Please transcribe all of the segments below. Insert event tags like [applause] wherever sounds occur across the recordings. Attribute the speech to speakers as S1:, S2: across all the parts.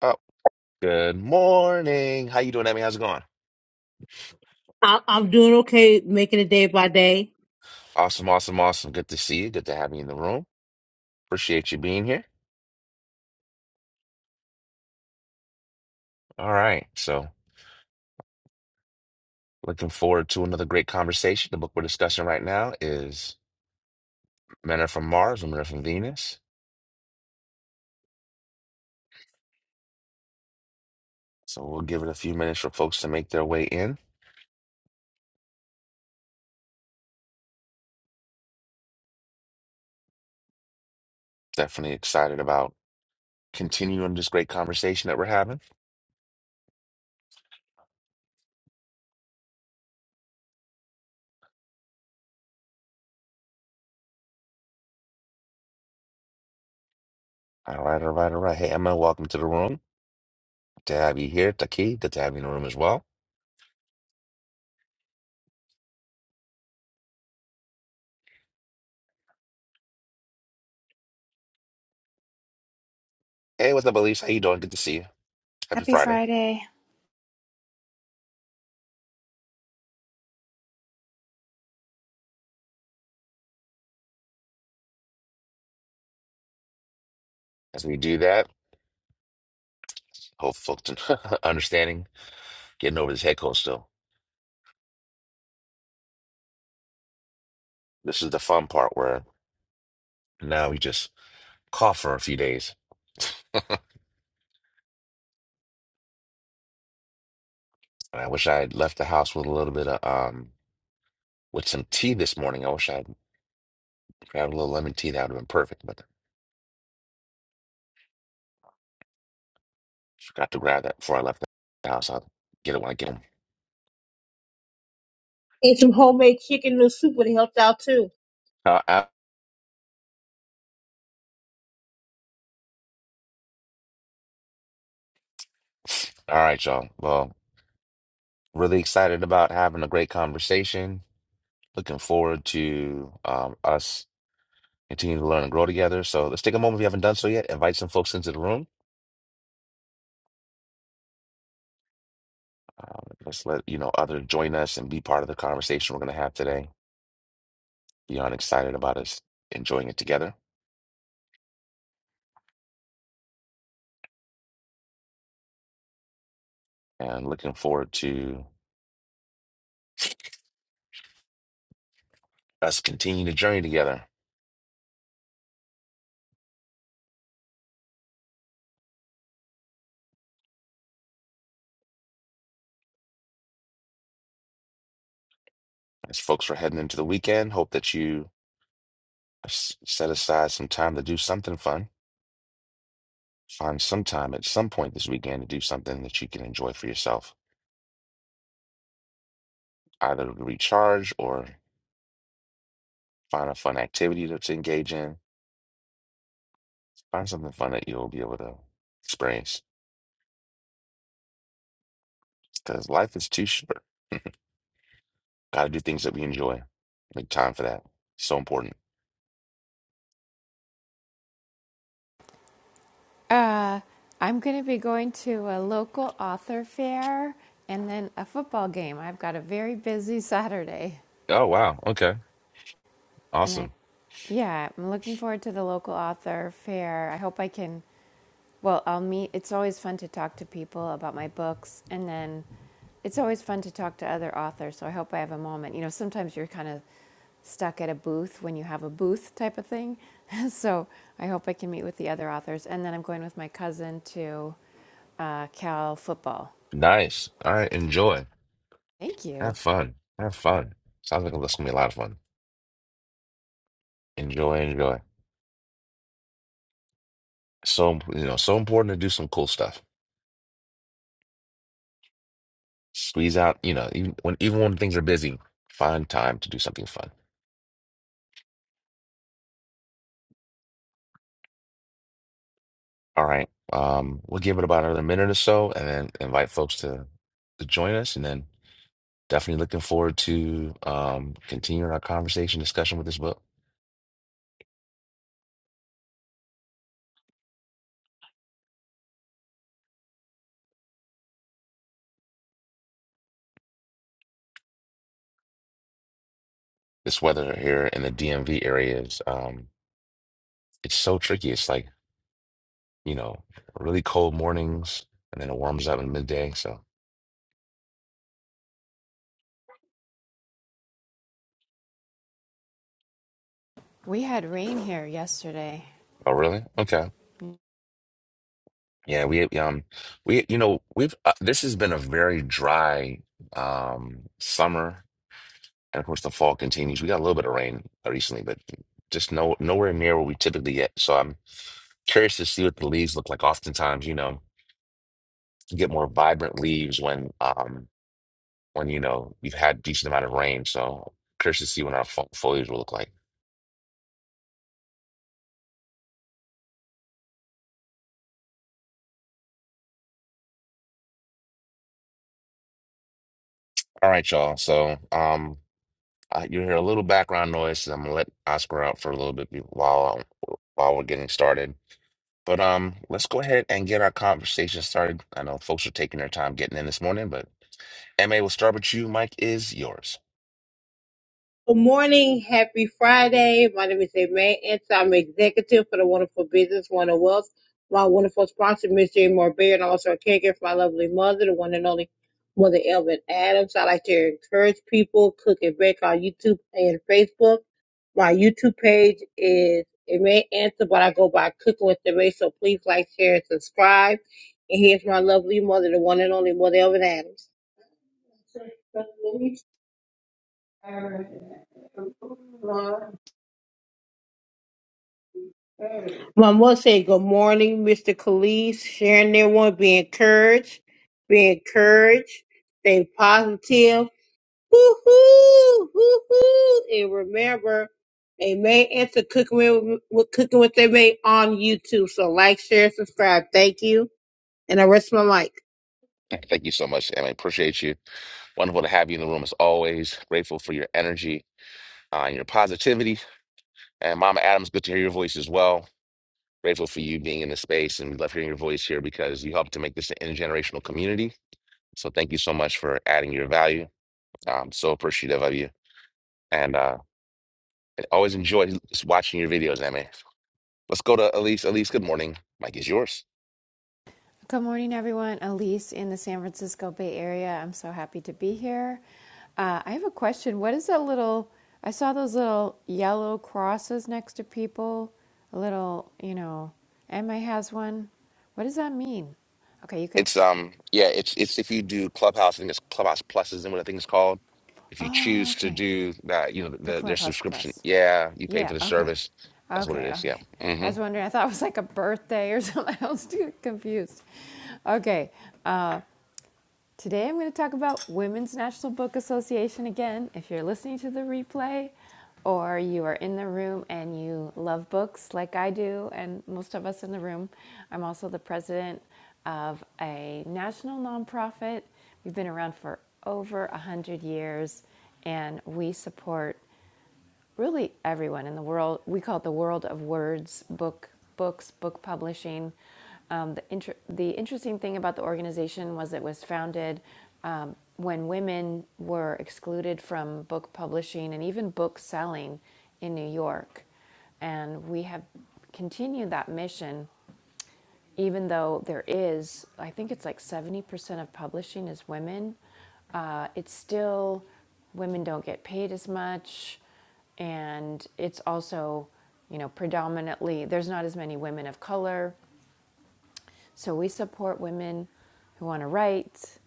S1: Oh, good morning. How you doing, Emmy? How's it going?
S2: I, I'm doing okay, making it day by day.
S1: Awesome, awesome, awesome. Good to see you. Good to have you in the room. Appreciate you being here. All right. So, looking forward to another great conversation. The book we're discussing right now is Men Are From Mars, Women Are From Venus. So, we'll give it a few minutes for folks to make their way in. Definitely excited about continuing this great conversation that we're having. All right, all right, all right. Hey, Emma, welcome to the room. Good to have you here. Taki, good to have you in the room as well. Hey, what's up, Elise? How you doing? Good to see you. Happy
S3: Happy
S1: Friday.
S3: Friday.
S1: As we do that, Hope folks [laughs] understanding, getting over this head cold still. This is the fun part where now we just cough for a few days. [laughs] And I wish I had left the house with a little bit of um with some tea this morning. I wish I had grabbed a little lemon tea. That would have been perfect, but forgot to grab that before I left the house. I'll get it when I get home.
S2: Ate some homemade chicken noodle soup would have helped out too.
S1: Uh, uh, [sighs] all right, y'all. Well, really excited about having a great conversation. Looking forward to um, us continuing to learn and grow together. So let's take a moment if you haven't done so yet. Invite some folks into the room. Um, let's let you know others join us and be part of the conversation we're going to have today. Beyond excited about us enjoying it together and looking forward to us continuing the journey together. As folks are heading into the weekend, hope that you s- set aside some time to do something fun. Find some time at some point this weekend to do something that you can enjoy for yourself, either to recharge or find a fun activity to, to engage in. Find something fun that you'll be able to experience because life is too short. Gotta do things that we enjoy. Make time for that. So important.
S3: Uh, I'm going to be going to a local author fair and then a football game. I've got a very busy [laughs] Saturday.
S1: Oh, wow. Okay.
S3: And I,
S1: Awesome.
S3: yeah, I'm looking forward to the local author fair. I hope I can. Well, I'll meet. It's always fun to talk to people about my books, and then it's always fun to talk to other authors. So I hope I have a moment. You know, sometimes you're kind of stuck at a booth when you have a booth type of thing. [laughs] so I hope I can meet with the other authors, and then I'm going with my cousin to uh, Cal football.
S1: Nice. All right. Enjoy.
S3: Thank you.
S1: Have fun. Have fun. Sounds like it's gonna be a lot of fun. Enjoy, enjoy. So, you know, so important to do some cool stuff. Squeeze out, you know, even when even when things are busy, find time to do something fun. All right. Um, we'll give it about another minute or so and then invite folks to to join us and then definitely looking forward to um continuing our conversation discussion with this book. this weather here in the DMV area is um it's so tricky. It's like, you know, really cold mornings and then it warms up in midday. So,
S3: We had rain here yesterday.
S1: oh really? Okay. Yeah, we um we you know, we've uh, this has been a very dry um summer and of course the fall continues. We got a little bit of rain recently, but just no nowhere near where we typically get. So I'm curious to see what the leaves look like. Oftentimes, you know, you get more vibrant leaves when um when you know we've had decent amount of rain. So curious to see what our fo foliage will look like. All right, y'all. So um, uh, you hear a little background noise. so I'm gonna let Oscar out for a little bit be- while um, while we're getting started. But um, let's go ahead and get our conversation started. I know folks are taking their time getting in this morning, but MA, we'll start with you. Mike is yours.
S2: Good morning, happy Friday. My name is Aimee Ents. I'm executive for the Wonderful Business, Wonder Wealth. My wonderful sponsor, Miss Jane Moore Beard, and also a caregiver for my lovely mother, the one and only Mother Elvin Adams. I like to encourage people, cook and bake on YouTube and Facebook. My YouTube page is Aimee Answer, but I go by Cooking with the so please like, share, and subscribe. And here's my lovely mother, the one and only Mother Elvin Adams. One will say good morning, Mr. Khalees, sharing their one, be encouraged, be encouraged, stay positive, woo-hoo, woo-hoo, and remember, they may answer cooking with, with cooking what they may on YouTube. So like, share, subscribe. Thank you, and I rest my mic.
S1: Thank you so much, Emma. Appreciate you. Wonderful to have you in the room as always. Grateful for your energy uh, and your positivity. And Mama Adams, good to hear your voice as well. Grateful for you being in the space and we love hearing your voice here because you helped to make this an intergenerational community. So thank you so much for adding your value. I'm so appreciative of you. And uh, I always enjoy just watching your videos, Emma. Let's go to Elise. Elise, good morning. Mike is yours.
S3: Good morning, everyone. Elise in the San Francisco Bay Area. I'm so happy to be here. Uh, I have a question. What is that little? I saw those little yellow crosses next to people. A little, you know, Emma has one. What does that mean? Okay, you can.
S1: It's um yeah, it's it's if you do Clubhouse, I think it's Clubhouse Plus is what I think it's called. If you
S3: Oh,
S1: choose to
S3: okay.
S1: do that, you know, the,
S3: The
S1: the, their
S3: Clubhouse
S1: subscription,
S3: Plus.
S1: yeah, you pay
S3: Yeah,
S1: for the
S3: okay.
S1: service. That's what it
S3: Okay,
S1: is. Yeah.
S3: okay. I
S1: hmm
S3: was wondering, I thought it was like a birthday or [laughs] something. I was too confused. Okay. uh, Today I'm going to talk about Women's National Book Association again. If you're listening to the replay or you are in the room and you love books like I do and most of us in the room, I'm also the president of a national nonprofit. We've been around for over 100 years and we support really everyone in the world. We call it the world of words, book, books, book publishing. Um, the, inter- the interesting thing about the organization was it was founded um, when women were excluded from book publishing and even book selling in New York. And we have continued that mission even though there is, I think it's like 70% of publishing is women, uh, it's still women don't get paid as much. And it's also, you know, predominantly, there's not as many women of color. So we support women who want to write,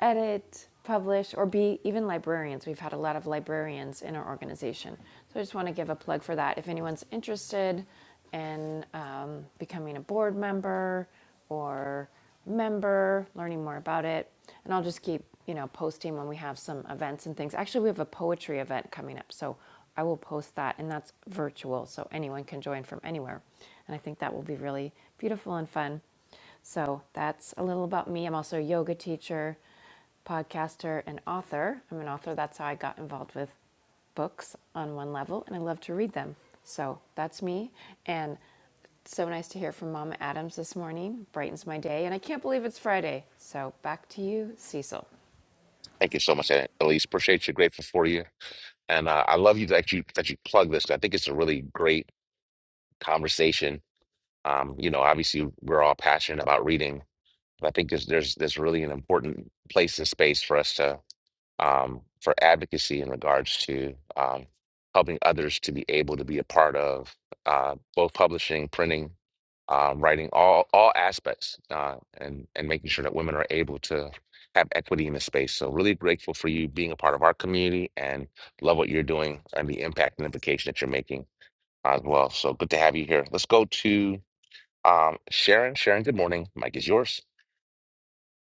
S3: edit, publish, or be even librarians. We've had a lot of librarians in our organization. So I just want to give a plug for that. If anyone's interested in um, becoming a board member or member, learning more about it, and I'll just keep you know posting when we have some events and things. Actually, we have a poetry event coming up, so I will post that, and that's virtual, so anyone can join from anywhere. And I think that will be really beautiful and fun. So that's a little about me. I'm also a yoga teacher, podcaster, and author. I'm an author. That's how I got involved with books on one level, and I love to read them. So that's me. And it's so nice to hear from Mama Adams this morning. Brightens my day, and I can't believe it's Friday. So back to you, Cecil.
S1: Thank you so much, Elise. Appreciate you. Grateful for you. And uh, I love you that you that you plug this. 'cause I think it's a really great conversation. Um, you know, obviously we're all passionate about reading, but I think there's there's there's really an important place and space for us to um, for advocacy in regards to um, helping others to be able to be a part of uh, both publishing, printing, um, writing, all all aspects, uh, and and making sure that women are able to have equity in the space. So really grateful for you being a part of our community and love what you're doing and the impact and implication that you're making as well. So good to have you here. Let's go to um, Sharon. Sharon, good morning. Mike is yours.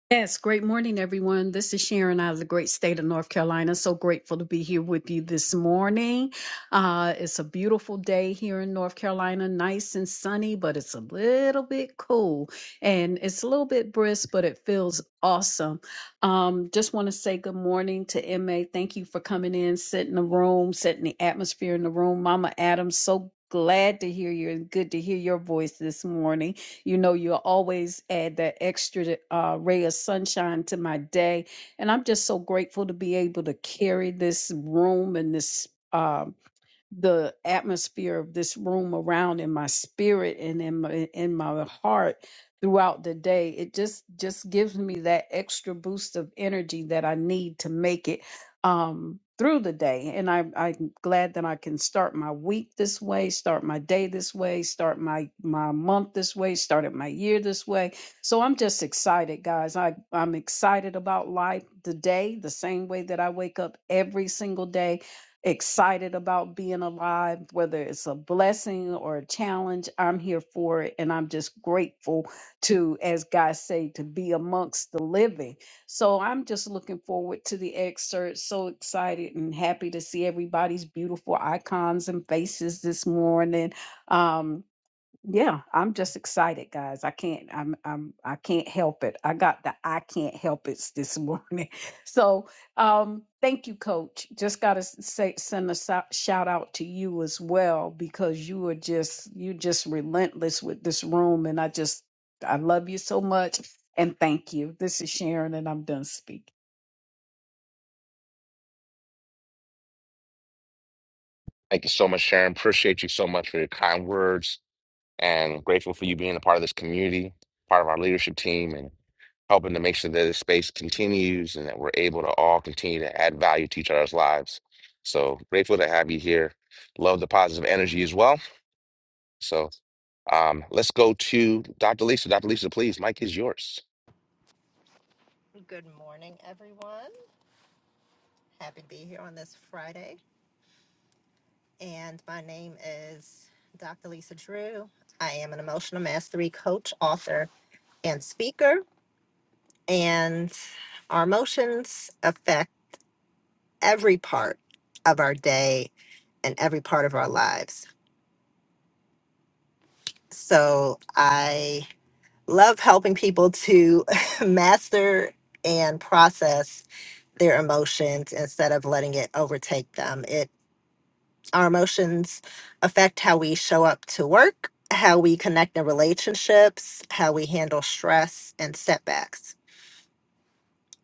S4: Yes, great morning, everyone. This is Sharon out of the great state of North Carolina. So grateful to be here with you this morning. Uh, it's a beautiful day here in North Carolina, nice and sunny, but it's a little bit cool and it's a little bit brisk, but it feels awesome. Um, just want to say good morning to MA. Thank you for coming in, setting the room, setting the atmosphere in the room. Mama Adams, so glad to hear you and good to hear your voice this morning. You know, you always add that extra uh, ray of sunshine to my day. And I'm just so grateful to be able to carry this room and this. um the atmosphere of this room around in my spirit and in my in my heart throughout the day it just just gives me that extra boost of energy that i need to make it um through the day and I, i'm glad that i can start my week this way start my day this way start my my month this way started my year this way so i'm just excited guys i i'm excited about life today the same way that i wake up every single day excited about being alive, whether it's a blessing or a challenge. I'm here for it. And I'm just grateful to, as God say, to be amongst the living. So I'm just looking forward to the excerpt. So excited and happy to see everybody's beautiful icons and faces this morning. Um, yeah, I'm just excited, guys. I can't I'm I'm I can't help it. I got the I can't help it's this morning. [laughs] So, um thank you coach. Just got to say send a sou- shout out to you as well because you are just you just relentless with this room and I just I love you so much and thank you. This is Sharon and I'm done speaking.
S1: Thank you so much, Sharon. Appreciate you so much for your kind words and grateful for you being a part of this community, part of our leadership team, and helping to make sure that this space continues and that we're able to all continue to add value to each other's lives. So grateful to have you here. Love the positive energy as well. So um, let's go to Dr. Lisa. Dr. Lisa, please, Mike is yours.
S5: Good morning, everyone. Happy to be here on this Friday. And my name is Dr. Lisa Drew. I am an emotional mastery coach, author, and speaker. And our emotions affect every part of our day and every part of our lives. So I love helping people to [laughs] master and process their emotions instead of letting it overtake them. Our emotions affect how we show up to work, how we connect in relationships, how we handle stress and setbacks.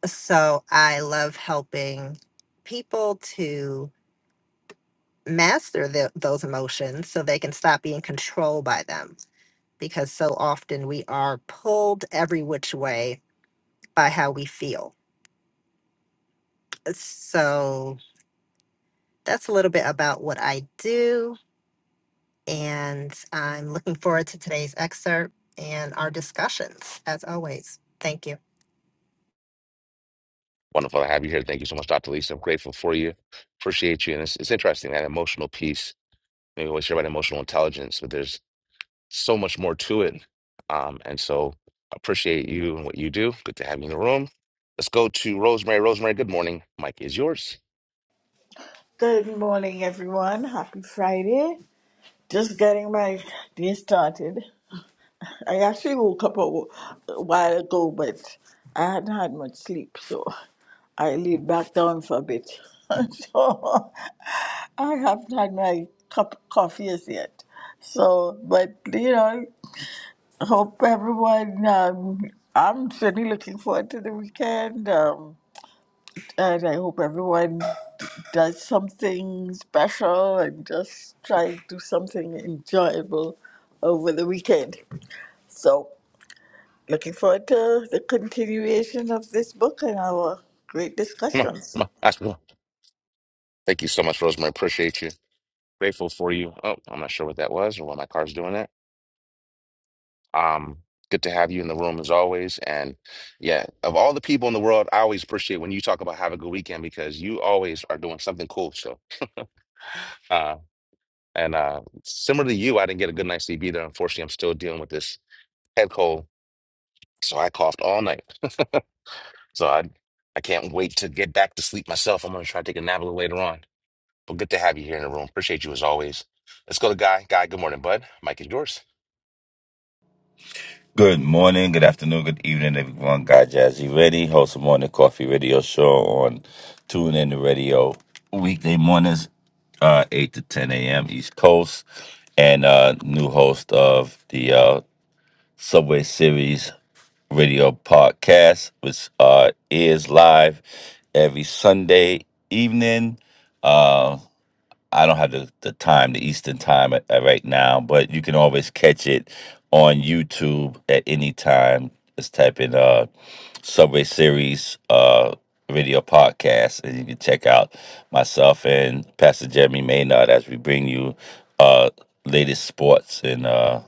S5: So I love helping people to master the, those emotions so they can stop being controlled by them because so often we are pulled every which way by how we feel. So that's a little bit about what I do And I'm looking forward to today's excerpt and our discussions, as always. Thank you.
S1: Wonderful to have you here. Thank you so much, Dr. Lisa. I'm grateful for you. Appreciate you. And it's, it's interesting that emotional piece. Maybe We always hear about emotional intelligence, but there's so much more to it. Um, and so appreciate you and what you do. Good to have you in the room. Let's go to Rosemary. Rosemary, good morning. Mike is yours.
S6: Good morning, everyone. Happy Friday. Just getting my day started. I actually woke up a wh- a while ago, but I hadn't had much sleep, so I laid back down for a bit. [laughs] so I haven't had my cup of coffee as yet. So, but you know, hope everyone. Um, I'm certainly looking forward to the weekend. Um, and I hope everyone does something special and just try to do something enjoyable over the weekend. So, looking forward to the continuation of this book and our great
S1: [laughs] Come on, come
S6: discussions.
S1: on, ask me. Thank you so much, Rosemary. Appreciate you. Grateful for you. Oh, I'm not sure what that was or why my car's doing that. Um, good to have you in the room as always. And yeah, of all the people in the world, I always appreciate when you talk about have a good weekend because you always are doing something cool. So, uh, and uh, similar to you, I didn't get a good night's sleep either. Unfortunately, I'm still dealing with this head cold So I coughed all night. [laughs] So I I can't wait to get back to sleep myself. I'm gonna try to take a nap a little later on. But good to have you here in the room. Appreciate you as always. Let's go to Guy. Guy, good morning, bud. Mike is yours.
S7: Good morning, good afternoon, good evening, everyone. Guy Jazzy Ready, host of Morning Coffee Radio Show on Tune In Radio weekday mornings, uh, 8 to 10 a.m. East Coast, and uh, new host of the uh, Subway Series Radio Podcast, which uh, is live every Sunday evening. Uh, I don't have the, the time, the Eastern time at, at right now, but you can always catch it on YouTube at any time. Just type in uh, Subway Series uh, radio podcast, and you can check out myself and Pastor Jeremy Maynard as we bring you uh, latest sports and uh,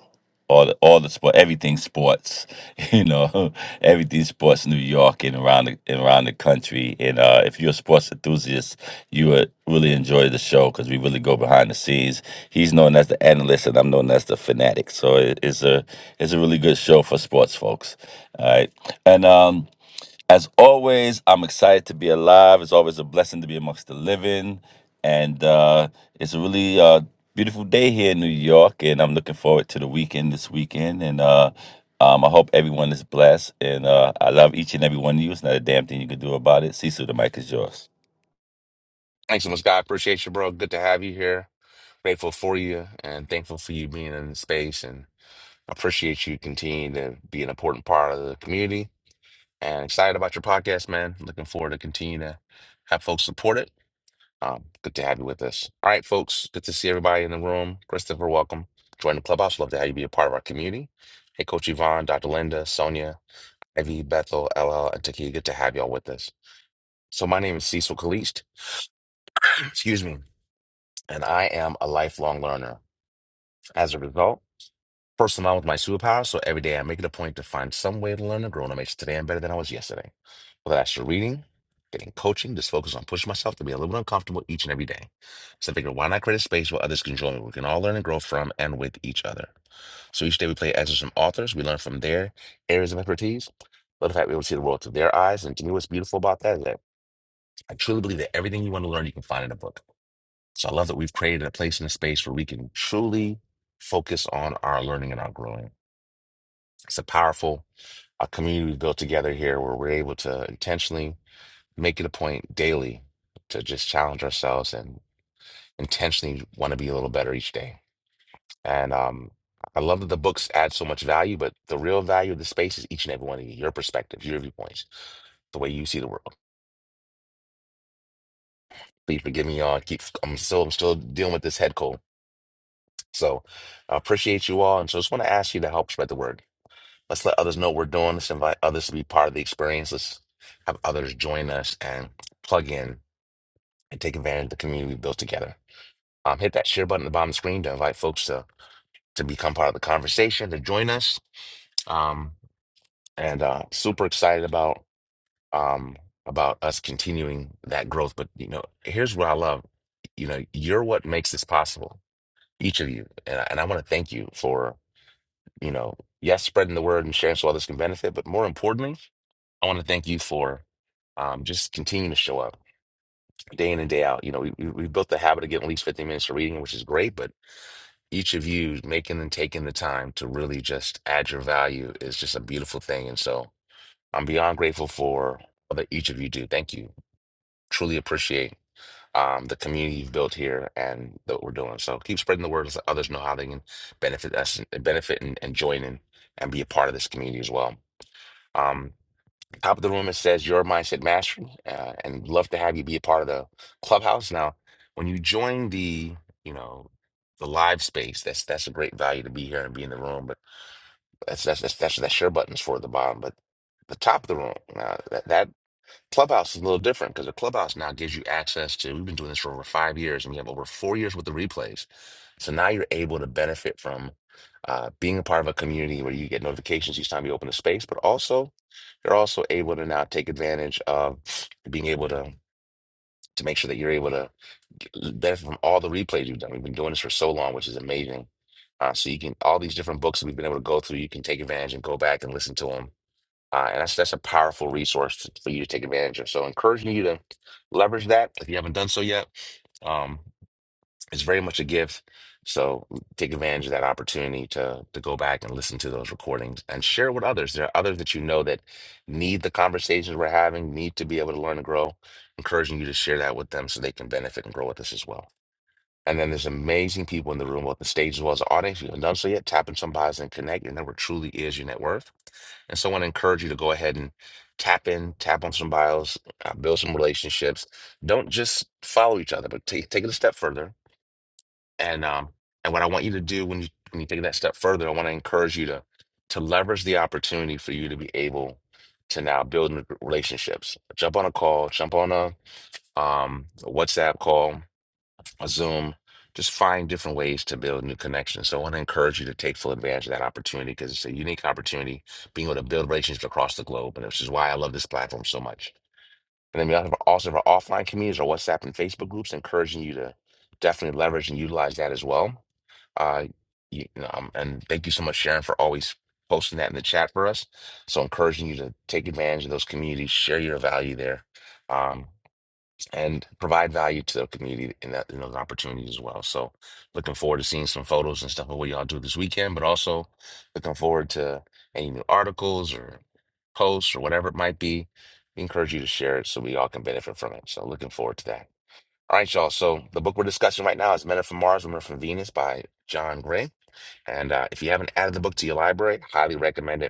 S7: all the all the sport, everything sports, [laughs] you know, [laughs] everything sports New York and around the and around the country. And uh, if you're a sports enthusiast, you would really enjoy the show because we really go behind the scenes. He's known as the analyst, and I'm known as the fanatic. So it, it's a it's a really good show for sports folks. All right, and um. As always, I'm excited to be alive. It's always a blessing to be amongst the living. And uh, it's a really uh, beautiful day here in New York. And I'm looking forward to the weekend this weekend. And uh, um, I hope everyone is blessed. And uh, I love each and every one of you. It's not a damn thing you can do about it. Cecil, the mic is yours.
S1: Thanks so much, Guy. Appreciate you, bro. Good to have you here. Grateful for you and thankful for you being in the space and appreciate you continuing to be an important part of the community. And excited about your podcast, man. Looking forward to continue to have folks support it Um, good to have you with us. All right, folks, good to see everybody in the room. Christopher, welcome. Join the clubhouse. Love to have you be a part of our community. Hey, Coach Yvonne, Dr. Linda, Sonia, Evie, Bethel, LL, and Taki, good to have y'all with us. So, my name is Cecil Kalist, [clears throat] excuse me, and I am a lifelong learner. As a result, First of all, with my superpower, so every day I make it a point to find some way to learn and grow, and it makes today I'm better than I was yesterday. Whether that's through reading, getting coaching, just focus on pushing myself to be a little bit uncomfortable each and every day. So I figured, why not create a space where others can join me? We can all learn and grow from and with each other. So each day we play excerpts from authors, we learn from their areas of expertise. But in fact, we able to see the world through their eyes. And to me, what's beautiful about that is that I truly believe that everything you want to learn, you can find in a book. So I love that we've created a place and a space where we can truly focus on our learning and our growing. It's a powerful uh community we've built together here where we're able to intentionally make it a point daily to just challenge ourselves and intentionally want to be a little better each day. And um, I love that the books add so much value, but the real value of the space is each and every one of you, your perspective, your viewpoints, the way you see the world. Please forgive me, y'all. I Keep, I'm still, I'm still dealing with this head cold. So I appreciate you all. And so I just want to ask you to help spread the word Let's let others know what we're doing. Let's invite others to be part of the experience. Let's have others join us and plug in and take advantage of the community we built together. Um, hit that share button at the bottom of the screen to invite folks to to become part of the conversation, to join us. Um, and uh, super excited about um, about us continuing that growth. But you know, here's what I love. You know, you're what makes this possible. Each of you, and I, and I want to thank you for you know, yes, spreading the word and sharing so others can benefit. But more importantly I want to thank you for um, just continuing to show up day in and day out. You know, we, we we built the habit of getting at least 15 minutes of reading, which is great, but each of you making and taking the time to really just add your value is just a beautiful thing. And so I'm beyond grateful for all that each of you do. Thank you. Truly appreciate um, the community you've built here and that we're doing. So keep spreading the word so others know how they can benefit us, benefit and, and join in and be a part of this community as well. Um, top of the room it says your mindset mastery uh, and love to have you be a part of the clubhouse now when you join the you know the live space that's that's a great value to be here and be in the room but that's that's that's that's, that's share buttons for the bottom but the top of the room now that, that Clubhouse is a little different because the Clubhouse now gives you access to. We've been doing this for over five years, and we have over four years with the replays. So now you're able to benefit from uh, being a part of a community where you get notifications each time you open a space, but also you're also able to now take advantage of being able to to make sure that you're able to get- benefit from all the replays you've done. We've been doing this for so long, which is amazing. Uh, so you can all these different books that we've been able to go through, you can take advantage and go back and listen to them uh, and that's that's a powerful resource to, for you to take advantage of. So, encouraging you to leverage that if you haven't done so yet. Um, it's very much a gift. So, take advantage of that opportunity to to go back and listen to those recordings and share with others. There are others that you know that need the conversations we're having, need to be able to learn and grow. Encouraging you to share that with them so they can benefit and grow with us as well. And then there's amazing people in the room, both the stage as well as the audience. If you haven't done so yet, tap in some bios and connect. Your number truly is your net worth. And so I want to encourage you to go ahead and tap in, tap on some bios, uh, build some relationships. Don't just follow each other, but take take it a step further. And um, and what I want you to do when you when you take that step further, I want to encourage you to to leverage the opportunity for you to be able to now build relationships. Jump on a call, jump on a um a WhatsApp call, Zoom, just find different ways to build new connections. So I want to encourage you to take full advantage of that opportunity because it's a unique opportunity being able to build relationships across the globe. And this is why I love this platform so much. And then we also have also have our offline communities, our WhatsApp and Facebook groups, encouraging you to definitely leverage and utilize that as well. Uh, you, you know, um, and thank you so much, Sharon, for always posting that in the chat for us. So encouraging you to take advantage of those communities, share your value there. Um, and provide value to the community in that in those opportunities as well. So looking forward to seeing some photos and stuff of what y'all do this weekend, but also looking forward to any new articles or posts or whatever it might be. We encourage you to share it so we all can benefit from it. So looking forward to that. All right, y'all. So the book we're discussing right now is Men Are from Mars, Women Are from Venus by John Gray. And uh, if you haven't added the book to your library, highly recommend it.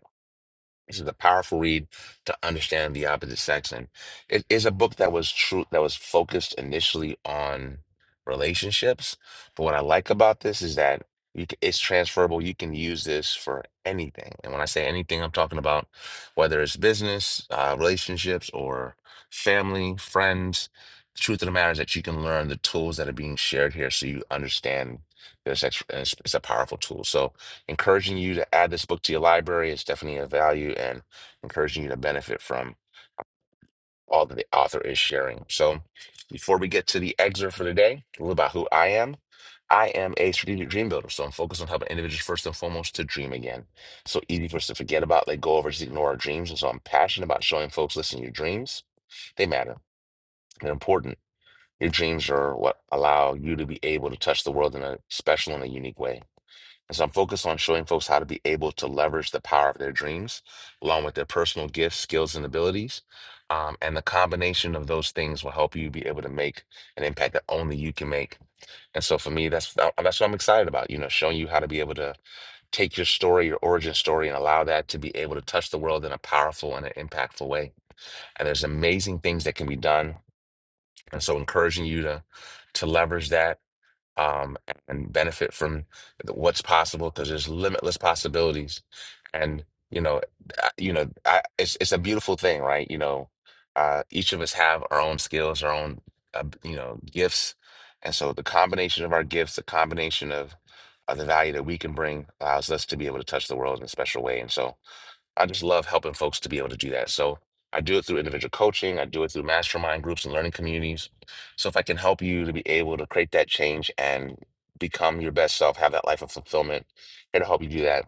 S1: This is a powerful read to understand the opposite sex, and it is a book that was true that was focused initially on relationships. But what I like about this is that you c it's transferable. You can use this for anything, and when I say anything, I'm talking about whether it's business, uh, relationships, or family, friends. The truth of the matter is that you can learn the tools that are being shared here, so you understand this. It's it's a powerful tool. So encouraging you to add this book to your library. It's definitely a value and encouraging you to benefit from all that the author is sharing. So, before we get to the excerpt for today, a little about who I am. I am a strategic dream builder, so I'm focused on helping individuals first and foremost to dream again. So easy for us to forget about, they go over, just ignore our dreams. And so I'm passionate about showing folks, listen, your dreams, they matter. They're important. Your dreams are what allow you to be able to touch the world in a special and a unique way. And so I'm focused on showing folks how to be able to leverage the power of their dreams, along with their personal gifts, skills, and abilities. Um, and the combination of those things will help you be able to make an impact that only you can make. And so for me, that's uh, that's what I'm excited about. You know, showing you how to be able to take your story, your origin story, and allow that to be able to touch the world in a powerful and an impactful way. And there's amazing things that can be done. And so encouraging you to to leverage that um, and benefit from what's possible because there's limitless possibilities. And you know, I- you know, I, it's it's a beautiful thing, right? You know, uh, each of us have our own skills, our own uh, you know gifts, and so the combination of our gifts, the combination of of the value that we can bring allows us to be able to touch the world in a special way. And so I just love helping folks to be able to do that. So I do it through individual coaching, I do it through mastermind groups and learning communities. So if I can help you to be able to create that change and become your best self, have that life of fulfillment, here to help you do that.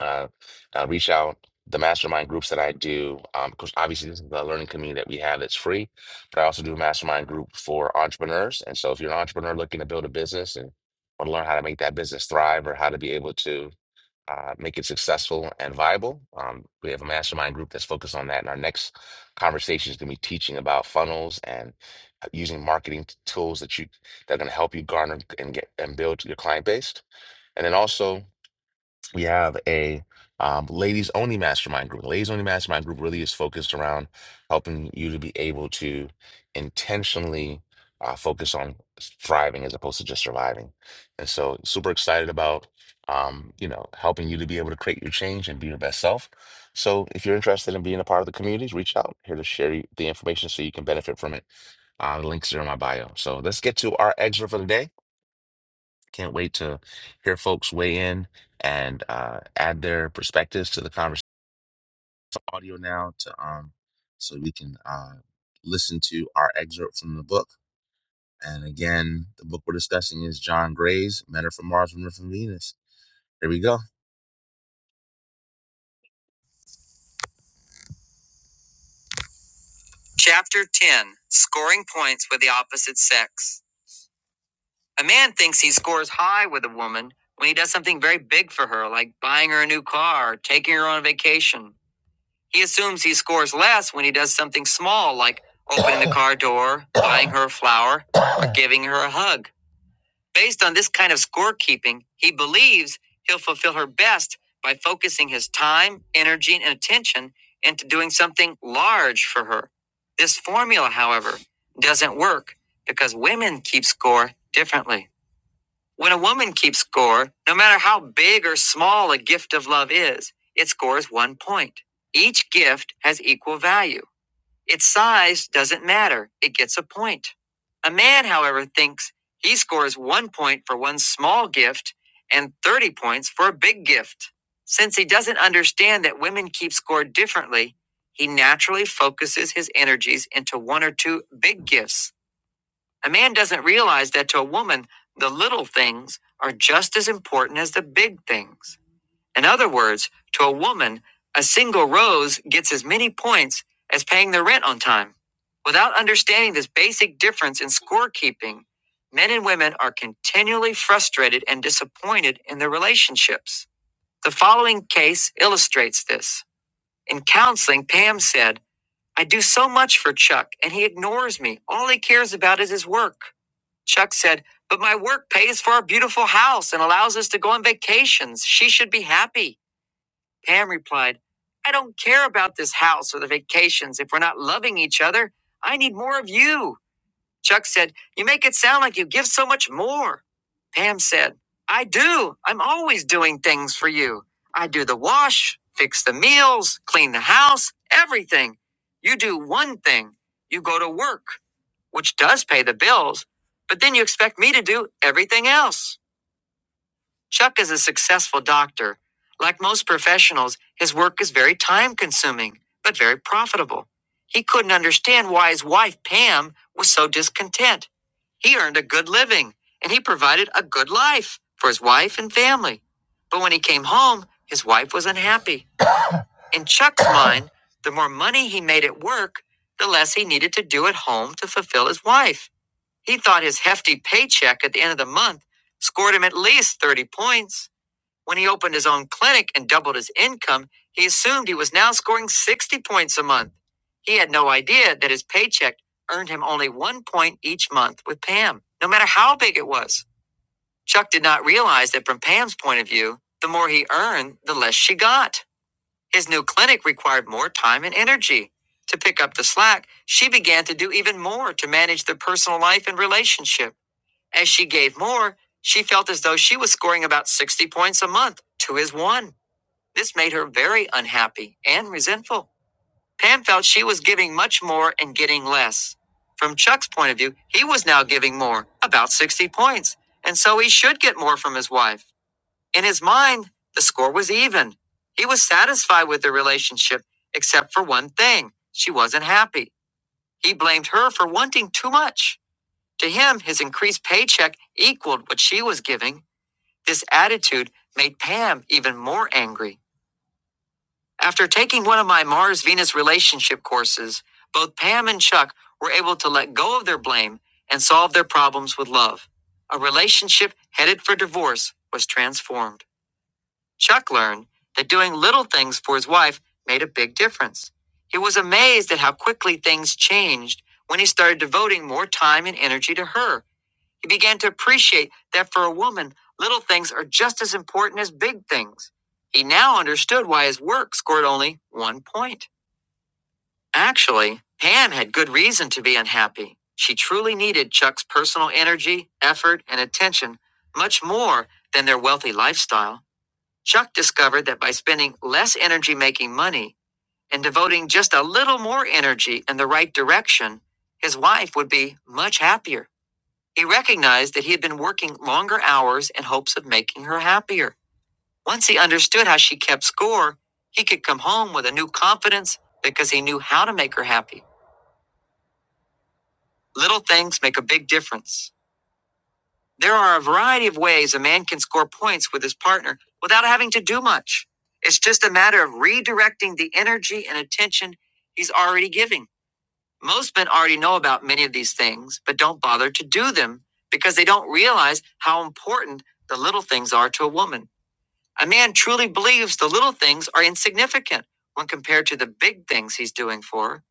S1: Uh, uh, reach out the mastermind groups that I do, because obviously this is the learning community that we have that's free, but I also do a mastermind group for entrepreneurs. And so if you're an entrepreneur looking to build a business and want to learn how to make that business thrive or how to be able to uh, make it successful and viable. Um, we have a mastermind group that's focused on that. And our next conversation is going to be teaching about funnels and uh, using marketing t- tools that you that are going to help you garner and get and build your client base. And then also we have a um, ladies only mastermind group. The ladies only mastermind group really is focused around helping you to be able to intentionally uh, focus on thriving as opposed to just surviving. And so, super excited about um, you know helping you to be able to create your change and be your best self. So, if you're interested in being a part of the community, reach out here to share you- the information so you can benefit from it. Uh, the links are in my bio. So let's get to our excerpt for the day. Can't wait to hear folks weigh in and uh, add their perspectives to the conversation audio now to um so we can uh, listen to our excerpt from the book. And again, the book we're discussing is John Gray's Men Are from Mars, Women Are from Venus. Here we go. Chapter 10 Scoring Points with the Opposite Sex. A man thinks he scores high with a woman when he does something very big for her, like buying her a new car or taking her on a vacation. He assumes he scores less when he does something small like opening the car door, buying her a flower, or giving her a hug. Based on this kind of scorekeeping, he believes he'll fulfill her best by focusing his time, energy, and attention into doing something large for her. This formula, however, doesn't work because women keep score differently. When a woman keeps score, no matter how big or small a gift of love is, it scores one point. Each gift has equal value. Its size doesn't matter, it gets a point. A man, however, thinks he scores one point for one small gift and 30 points for a big gift. Since he doesn't understand that women keep score differently, he naturally focuses his energies into one or two big gifts a man doesn't realize that to a woman, the little things are just as important as the big things. In other words, to a woman, a single rose gets as many points as paying the rent on time. Without understanding this basic difference in scorekeeping, men and women are continually frustrated and disappointed in their relationships. The following case illustrates this. In counseling, Pam said, I do so much for Chuck, and he ignores me. All he cares about is his work. Chuck said, But my work pays for our beautiful house and allows us to go on vacations. She should be happy. Pam replied, I don't care about this house or the vacations if we're not loving each other. I need more of you. Chuck said, You make it sound like you give so much more. Pam said, I do. I'm always doing things for you. I do the wash, fix the meals, clean the house, everything. You do one thing you go to work, which does pay the bills, but then you expect me to do everything else. Chuck is a successful doctor. Like most professionals, his work is very time consuming, but very profitable. He couldn't understand why his wife, Pam, was so discontent. He earned a good living, and he provided a good life for his wife and family. But when he came home, his wife was unhappy. In Chuck's [coughs] mind, the more money he made at work, the less he needed to do at home to fulfill his wife. He thought his hefty paycheck at the end of the month scored him at least 30 points. When he opened his own clinic and doubled his income, he assumed he was now scoring 60 points a month. He had no idea that his paycheck earned him only one point each month with Pam, no matter how big it was. Chuck did not realize that from Pam's point of view, the more he earned, the less she got. His new clinic required more time and energy. To pick up the slack, she began to do even more to manage their personal life and relationship. As she gave more, she felt as though she was scoring about 60 points a month to his one. This made her very unhappy and resentful. Pam felt she was giving much more and getting less. From Chuck's point of view, he was now giving more, about 60 points, and so he should get more from his wife. In his mind, the score was even. He was satisfied with the relationship, except for one thing she wasn't happy. He blamed her for wanting too much. To him, his increased paycheck equaled what she was giving. This attitude made Pam even more angry. After taking one of my Mars Venus relationship courses, both Pam and Chuck were able to let go of their blame and solve their problems with love. A relationship headed for divorce was transformed. Chuck learned that doing little things for his wife made a big difference. He was amazed at how quickly things changed when he started devoting more time and energy to her. He began to appreciate that for a woman, little things are just as important as big things. He now understood why his work scored only one point. Actually, Pam had good reason to be unhappy. She truly needed Chuck's personal energy, effort, and attention much more than their wealthy lifestyle. Chuck discovered that by spending less energy making money and devoting just a little more energy in the right direction, his wife would be much happier. He recognized that he had been working longer hours in hopes of making her happier. Once he understood how she kept score, he could come home with a new confidence because he knew how to make her happy. Little things make a big difference. There are a variety of ways a man can score points with his partner without having to do much. It's just a matter of redirecting the energy and attention he's already giving. Most men already know about many of these things, but don't bother to do them because they don't realize how important the little things are to a woman. A man truly believes the little things are insignificant when compared to the big things he's doing for her.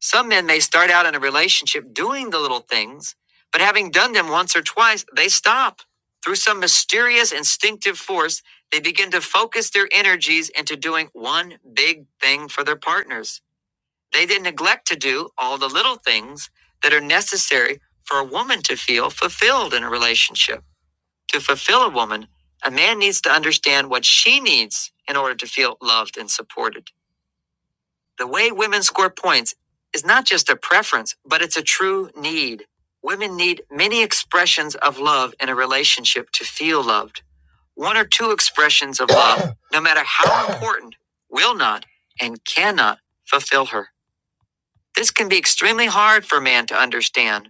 S1: Some men may start out in a relationship doing the little things, but having done them once or twice, they stop. Through some mysterious instinctive force, they begin to focus their energies into doing one big thing for their partners. They then neglect to do all the little things that are necessary for a woman to feel fulfilled in a relationship. To fulfill a woman, a man needs to understand what she needs in order to feel loved and supported. The way women score points is not just a preference, but it's a true need. Women need many expressions of love in a relationship to feel loved. One or two expressions of love, no matter how important, will not and cannot fulfill her. This can be extremely hard for a man to understand.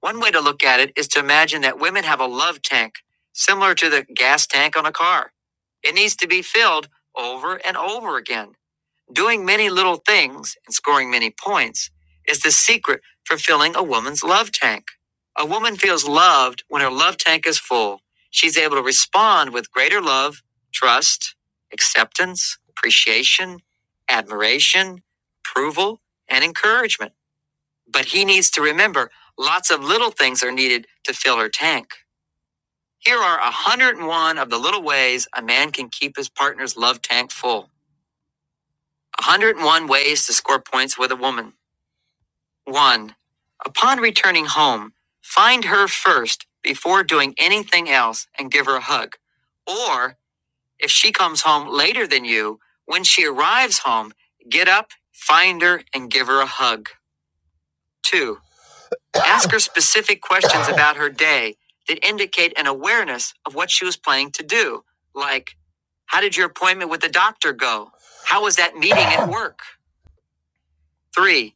S1: One way to look at it is to imagine that women have a love tank, similar to the gas tank on a car. It needs to be filled over and over again. Doing many little things and scoring many points is the secret for filling a woman's love tank. A woman feels loved when her love tank is full. She's able to respond with greater love, trust, acceptance, appreciation, admiration, approval, and encouragement. But he needs to remember lots of little things are needed to fill her tank. Here are 101 of the little ways a man can keep his partner's love tank full. 101 ways to score points with a woman. 1. Upon returning home, find her first before doing anything else and give her a hug. Or, if she comes home later than you, when she arrives home, get up, find her, and give her a hug. 2. Ask her specific questions about her day that indicate an awareness of what she was planning to do, like, How did your appointment with the doctor go? How was that meeting at work? Three,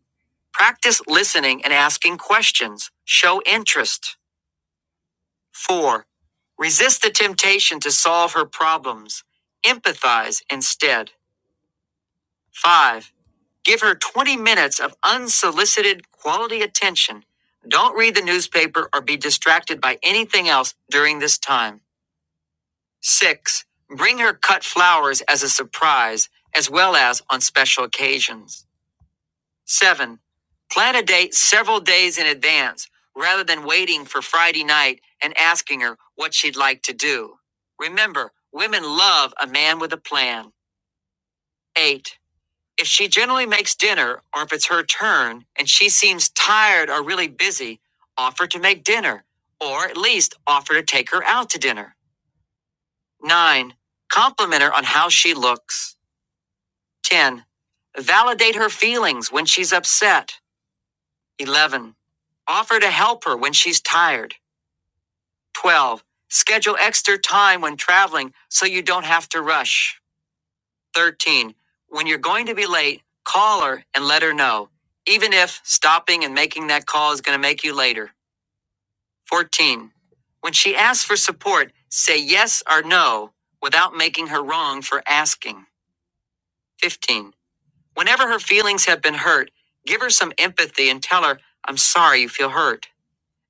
S1: practice listening and asking questions. Show interest. Four, resist the temptation to solve her problems. Empathize instead. Five, Give her 20 minutes of unsolicited quality attention. Don't read the newspaper or be distracted by anything else during this time. 6. Bring her cut flowers as a surprise, as well as on special occasions. 7. Plan a date several days in advance rather than waiting for Friday night and asking her what she'd like to do. Remember, women love a man with a plan. 8. If she generally makes dinner, or if it's her turn and she seems tired or really busy, offer to make dinner, or at least offer to take her out to dinner. 9. Compliment her on how she looks. 10. Validate her feelings when she's upset. 11. Offer to help her when she's tired. 12. Schedule extra time when traveling so you don't have to rush. 13. When you're going to be late, call her and let her know, even if stopping and making that call is going to make you later. 14. When she asks for support, say yes or no without making her wrong for asking. 15. Whenever her feelings have been hurt, give her some empathy and tell her, I'm sorry you feel hurt.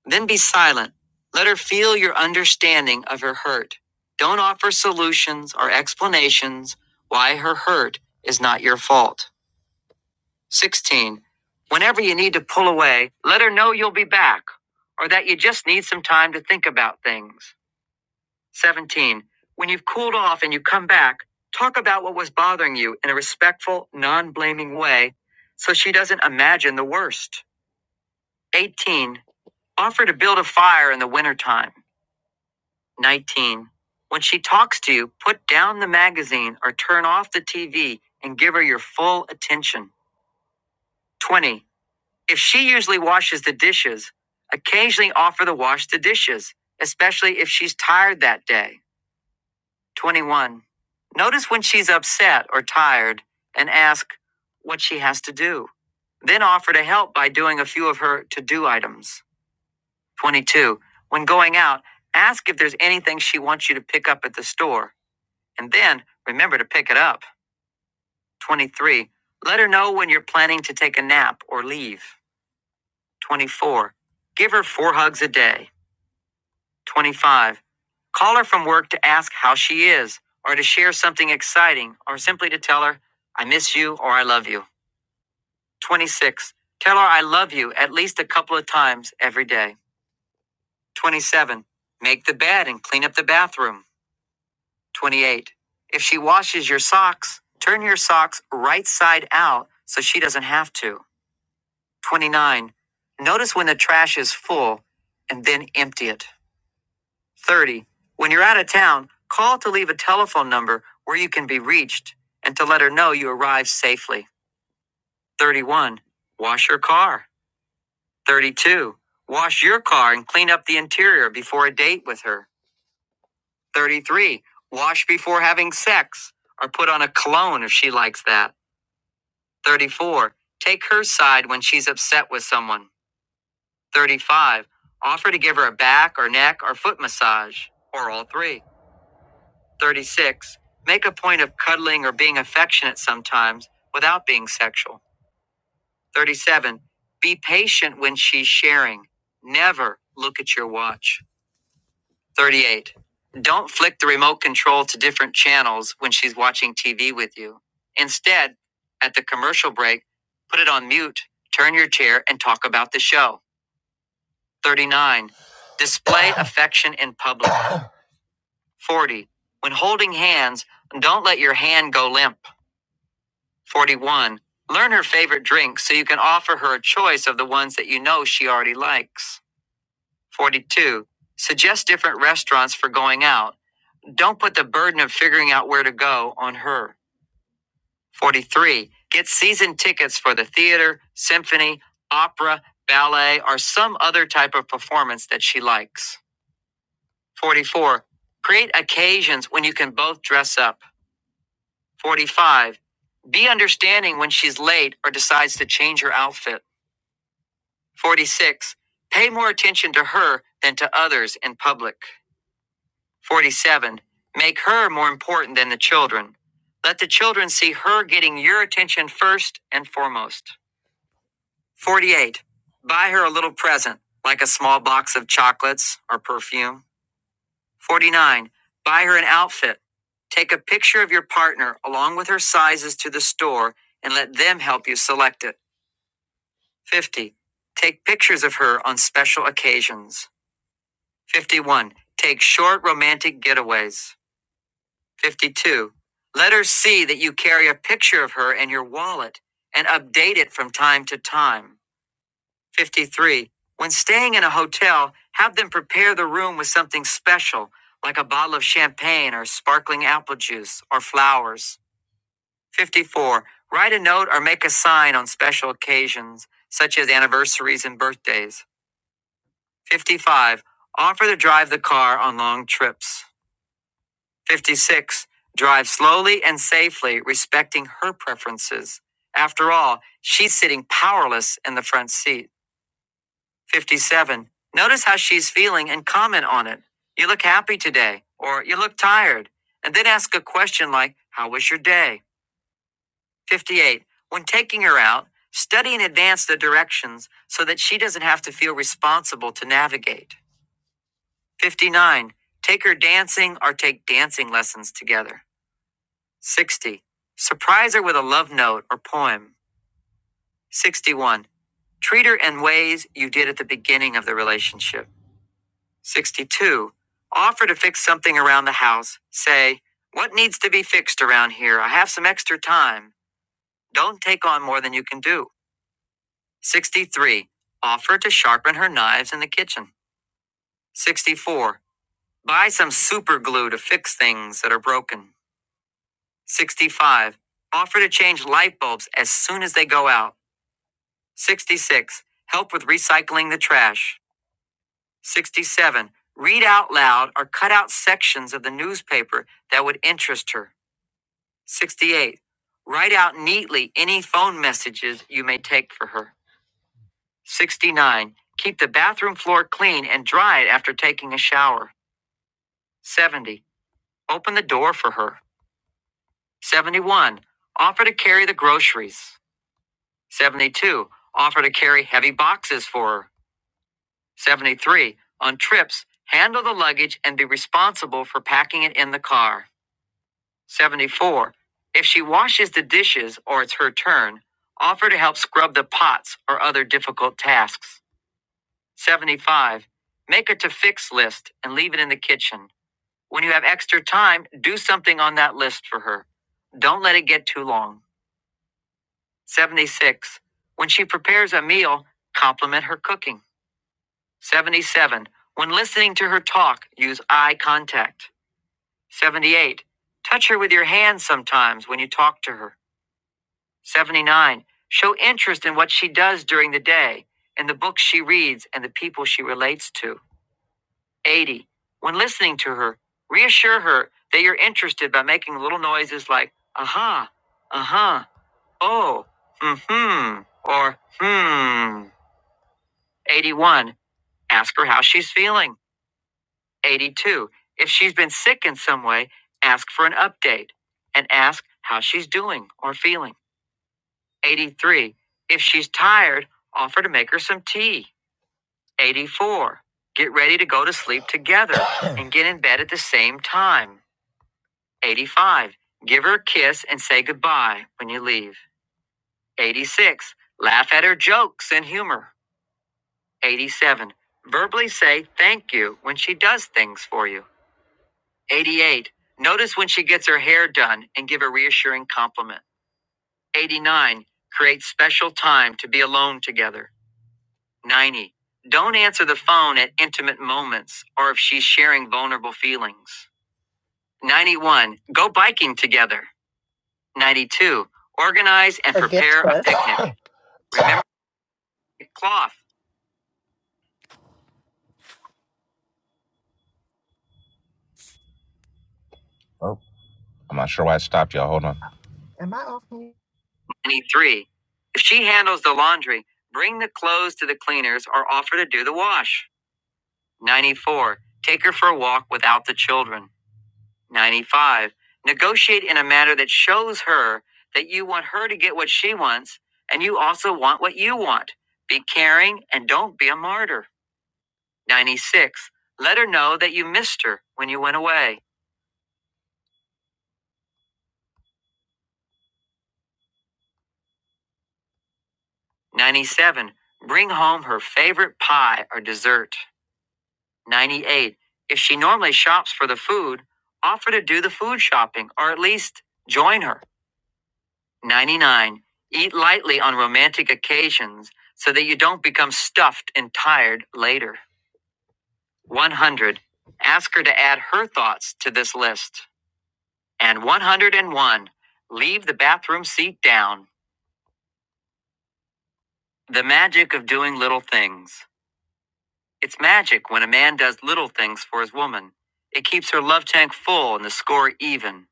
S1: Then be silent. Let her feel your understanding of her hurt. Don't offer solutions or explanations why her hurt is not your fault. 16. Whenever you need to pull away, let her know you'll be back or that you just need some time to think about things. 17. When you've cooled off and you come back, talk about what was bothering you in a respectful, non blaming way so she doesn't imagine the worst. 18. Offer to build a fire in the wintertime. 19. When she talks to you, put down the magazine or turn off the TV and give her your full attention. 20. If she usually washes the dishes, occasionally offer to wash the dishes, especially if she's tired that day. 21. Notice when she's upset or tired and ask what she has to do. Then offer to help by doing a few of her to do items. 22. When going out, ask if there's anything she wants you to pick up at the store, and then remember to pick it up. 23. Let her know when you're planning to take a nap or leave. 24. Give her four hugs a day. 25. Call her from work to ask how she is, or to share something exciting, or simply to tell her, I miss you or I love you. 26. Tell her I love you at least a couple of times every day. 27. Make the bed and clean up the bathroom. 28. If she washes your socks, turn your socks right side out so she doesn't have to. 29. Notice when the trash is full and then empty it. 30. When you're out of town, call to leave a telephone number where you can be reached and to let her know you arrived safely. 31. Wash her car. 32. Wash your car and clean up the interior before a date with her. 33. Wash before having sex or put on a cologne if she likes that. 34. Take her side when she's upset with someone. 35. Offer to give her a back or neck or foot massage or all three. 36. Make a point of cuddling or being affectionate sometimes without being sexual. 37. Be patient when she's sharing. Never look at your watch. 38. Don't flick the remote control to different channels when she's watching TV with you. Instead, at the commercial break, put it on mute, turn your chair, and talk about the show. 39. Display affection in public. 40. When holding hands, don't let your hand go limp. 41. Learn her favorite drinks so you can offer her a choice of the ones that you know she already likes. 42. Suggest different restaurants for going out. Don't put the burden of figuring out where to go on her. 43. Get season tickets for the theater, symphony, opera, ballet, or some other type of performance that she likes. 44. Create occasions when you can both dress up. 45. Be understanding when she's late or decides to change her outfit. 46. Pay more attention to her than to others in public. 47. Make her more important than the children. Let the children see her getting your attention first and foremost. 48. Buy her a little present, like a small box of chocolates or perfume. 49. Buy her an outfit. Take a picture of your partner along with her sizes to the store and let them help you select it. 50. Take pictures of her on special occasions. 51. Take short romantic getaways. 52. Let her see that you carry a picture of her in your wallet and update it from time to time. 53. When staying in a hotel, have them prepare the room with something special, like a bottle of champagne or sparkling apple juice or flowers. 54. Write a note or make a sign on special occasions, such as anniversaries and birthdays. 55. Offer to drive the car on long trips. 56. Drive slowly and safely, respecting her preferences. After all, she's sitting powerless in the front seat. 57. Notice how she's feeling and comment on it. You look happy today, or you look tired, and then ask a question like, How was your day? 58. When taking her out, study in advance the directions so that she doesn't have to feel responsible to navigate. 59. Take her dancing or take dancing lessons together. 60. Surprise her with a love note or poem. 61. Treat her in ways you did at the beginning of the relationship. 62. Offer to fix something around the house. Say, What needs to be fixed around here? I have some extra time. Don't take on more than you can do. 63. Offer to sharpen her knives in the kitchen. 64. Buy some super glue to fix things that are broken. 65. Offer to change light bulbs as soon as they go out. 66. Help with recycling the trash. 67. Read out loud or cut out sections of the newspaper that would interest her. 68. Write out neatly any phone messages you may take for her. 69. Keep the bathroom floor clean and dry it after taking a shower. 70. Open the door for her. 71. Offer to carry the groceries. 72. Offer to carry heavy boxes for her. 73. On trips, handle the luggage and be responsible for packing it in the car. 74. If she washes the dishes or it's her turn, offer to help scrub the pots or other difficult tasks. 75. Make a to fix list and leave it in the kitchen. When you have extra time, do something on that list for her. Don't let it get too long. 76. When she prepares a meal, compliment her cooking. 77. When listening to her talk, use eye contact. 78. Touch her with your hands sometimes when you talk to her. 79. Show interest in what she does during the day, in the books she reads, and the people she relates to. 80. When listening to her, reassure her that you're interested by making little noises like, uh huh, uh huh, oh, mm hmm, or hmm. 81. Ask her how she's feeling. 82. If she's been sick in some way, ask for an update and ask how she's doing or feeling. 83. If she's tired, offer to make her some tea. 84. Get ready to go to sleep together and get in bed at the same time. 85. Give her a kiss and say goodbye when you leave. 86. Laugh at her jokes and humor. 87. Verbally say thank you when she does things for you. 88. Notice when she gets her hair done and give a reassuring compliment. 89. Create special time to be alone together. 90. Don't answer the phone at intimate moments or if she's sharing vulnerable feelings. 91. Go biking together. 92. Organize and
S5: Or gift
S1: prepare a
S5: list.
S1: picnic. [coughs] Remember the cloth. Oh, I'm not sure why I stopped y'all. Hold on.
S5: Am I off? mute?
S1: 93. If she handles the laundry, bring the clothes to the cleaners or offer to do the wash. 94. Take her for a walk without the children. 95. Negotiate in a manner that shows her that you want her to get what she wants and you also want what you want. Be caring and don't be a martyr. 96. Let her know that you missed her when you went away. 97. Bring home her favorite pie or dessert. 98. If she normally shops for the food, offer to do the food shopping or at least join her. 99. Eat lightly on romantic occasions so that you don't become stuffed and tired later. 100. Ask her to add her thoughts to this list. And 101. Leave the bathroom seat down. The magic of doing little things. It's magic when a man does little things for his woman. It keeps her love tank full and the score even.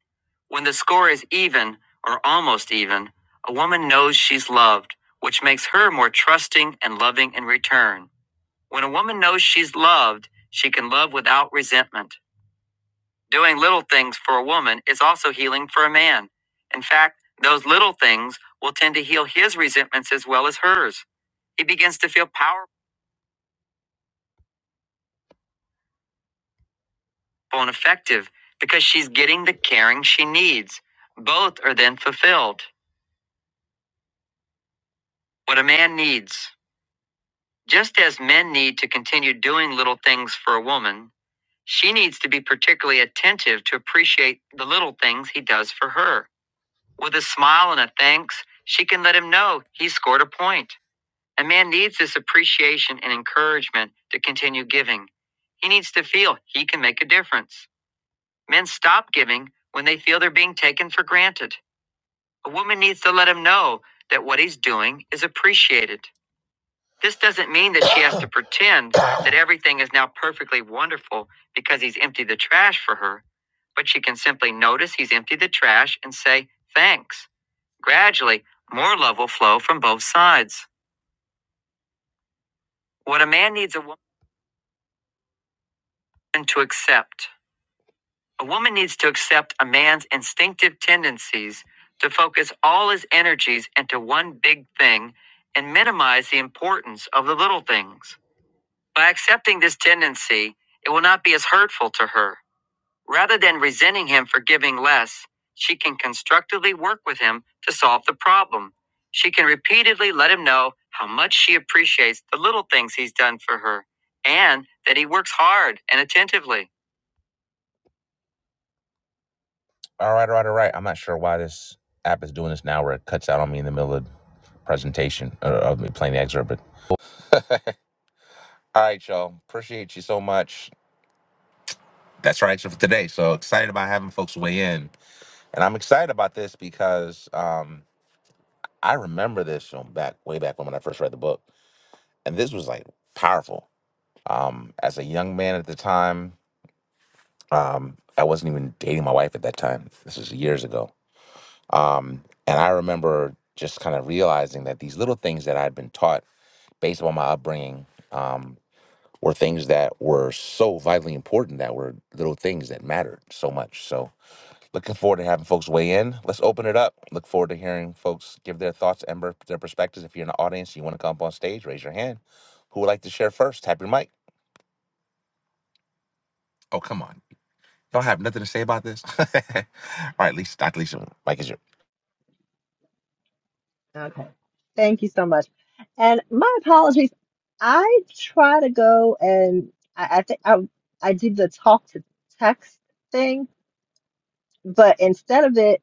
S1: When the score is even, or almost even, a woman knows she's loved, which makes her more trusting and loving in return. When a woman knows she's loved, she can love without resentment. Doing little things for a woman is also healing for a man. In fact, those little things will tend to heal his resentments as well as hers. He begins to feel powerful. and effective because she's getting the caring she needs. Both are then fulfilled. What a man needs. Just as men need to continue doing little things for a woman, she needs to be particularly attentive to appreciate the little things he does for her. With a smile and a thanks, she can let him know he scored a point. A man needs this appreciation and encouragement to continue giving. He needs to feel he can make a difference. Men stop giving when they feel they're being taken for granted. A woman needs to let him know that what he's doing is appreciated. This doesn't mean that she has to pretend that everything is now perfectly wonderful because he's emptied the trash for her, but she can simply notice he's emptied the trash and say, thanks. Gradually, more love will flow from both sides. What a man needs a woman to accept. A woman needs to accept a man's instinctive tendencies to focus all his energies into one big thing and minimize the importance of the little things. By accepting this tendency, it will not be as hurtful to her. Rather than resenting him for giving less, she can constructively work with him to solve the problem. She can repeatedly let him know how much she appreciates the little things he's done for her and that he works hard and attentively. All right, all right, all right. I'm not sure why this app is doing this now where it cuts out on me in the middle of presentation uh, of me playing the excerpt, but [laughs] all right, y'all. Appreciate you so much. That's right so for today. So excited about having folks weigh in, and I'm excited about this because um, I remember this from back way back when when I first read the book, and this was like powerful. Um, as a young man at the time, um, I wasn't even dating my wife at that time. This is years ago, um, and I remember just kind of realizing that these little things that I'd been taught based upon my upbringing um, were things that were so vitally important that were little things that mattered so much. So Looking forward to having folks weigh in. Let's open it up. Look forward to hearing folks give their thoughts and per- their perspectives. If you're in the audience, you want to come up on stage, raise your hand. Who would like to share first? Tap your mic. Oh, come on. Y'all have nothing to say about this? [laughs] All right, Lisa, Dr. Lisa, mic is yours.
S5: Okay. Thank you so much. And my apologies. I try to go and I, I think I I did the talk to text thing, but instead of it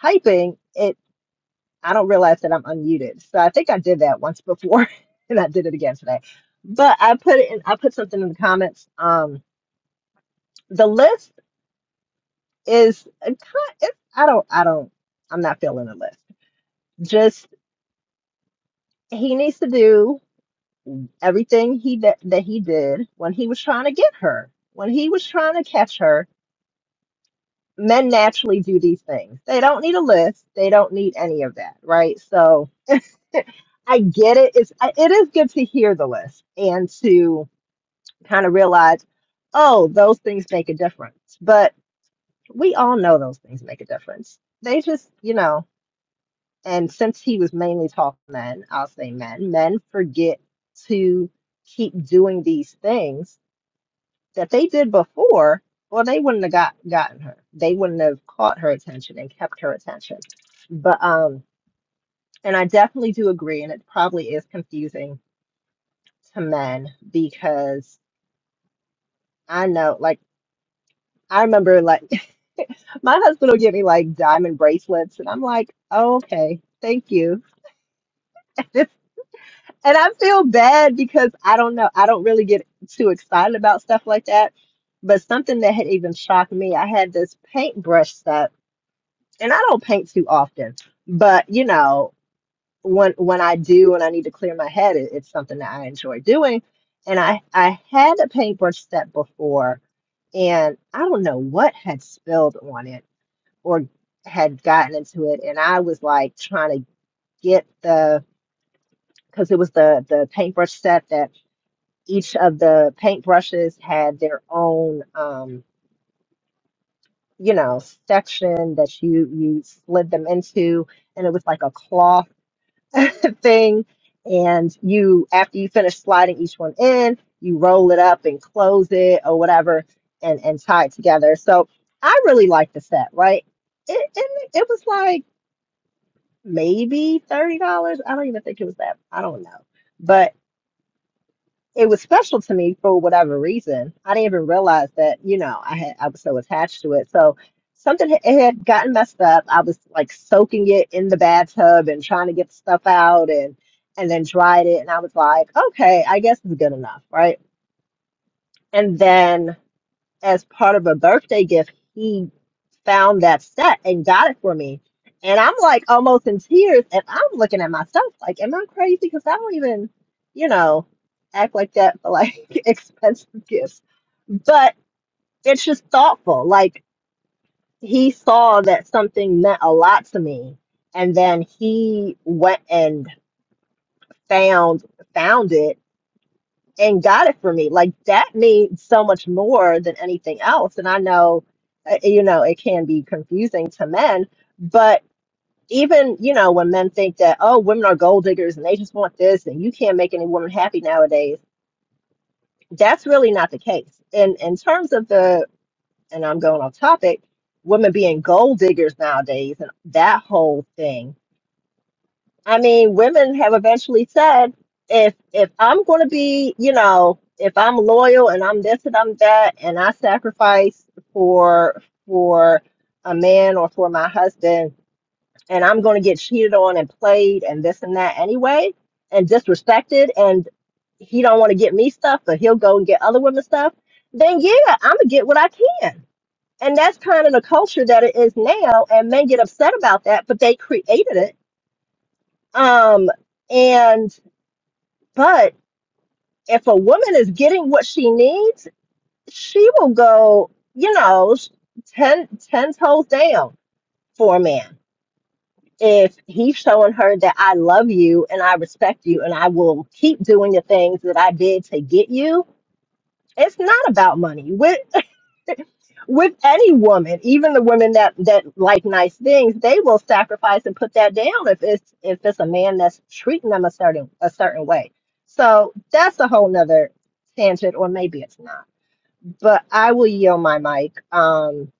S5: typing, it I don't realize that I'm unmuted. So I think I did that once before, [laughs] not today. But I put it in um the list is a kind it's, I don't I don't I'm not feeling the list. Just he needs to do everything he that, that he did when he was trying to get her, when he was trying to catch her. Men naturally do these. things. They don't list. They don't need any of that, right? So [laughs] I get it. It's I- it is good to hear the list and to kind of realize, oh, those things make a difference. But we all know those things make a difference. They just, you know, and since he was mainly talking men, I'll say men, men forget to keep doing these things that they did before, or they wouldn't have got gotten her. They wouldn't have caught her attention and kept her attention. But um, and I definitely do agree, and it probably is confusing to men because I know, like, I remember, like, [laughs] my husband will give me like diamond bracelets, and I'm like, oh, okay, thank you. [laughs] And I feel bad because I don't know, I don't really get too excited about stuff like that. But something that had even shocked me, I had this paintbrush set, and I don't paint too often, but you know, when when I do and I need to clear my head, it, it's something that I enjoy doing. And I I had a paintbrush set before, and I don't know what had spilled on it or had gotten into it, and I was like trying to get the because it was the the paintbrush set that each of the paintbrushes had their own um you know section that you you slid them into and it was like a cloth [laughs] thing and you after you finish sliding each one in you roll it up and close it or whatever and and tie it together so i really liked the set right it it, it was like maybe $30 i don't even think it was that i don't know but. it was special to me for whatever reason. I didn't even realize that, you know, I had I was so attached to it. So something ha- it had gotten messed up. I was like soaking it in the bathtub and trying to get the stuff out and and then dried it and I was like, okay, I guess it's good enough, right? And then as part of a birthday gift, he found that set and got it for me. And I'm like almost in tears and I'm looking at myself like, am I crazy? Because I don't even, you know, act like that for like [laughs] expensive gifts. But it's just thoughtful. Like he saw that something meant a lot to me. And then he went and found found it and got it for me. Like that means so much more than anything else. And I know uh, you know. be confusing to men. But even, you know, when men think that, oh, women are gold diggers and they just want this and you can't make any woman happy nowadays, that's really not the case. And in terms of the, and I'm going off topic, women being gold diggers nowadays and that whole thing. I mean, women have eventually said, if if I'm going to be, you know, if I'm loyal and I'm this and I'm that and I sacrifice for for a man or for my husband and I'm going to get cheated on and played and this and that anyway and disrespected and he don't want to get me stuff but he'll go and get other women stuff then yeah I'm gonna get what I can and that's kind of the culture that it is now and men get upset about that but they created it um and but if a woman is getting what she needs she will go you know 10 10 toes down for a man if he's showing her that I love you and I respect you and I will keep doing the things that I did to get you, it's not about money. With [laughs] with any woman, even the women that that like nice things, they will sacrifice and put that down if it's if it's a man that's treating them a certain a certain way. So that's a whole nother tangent, or maybe it's not. But I will yield my mic. Um,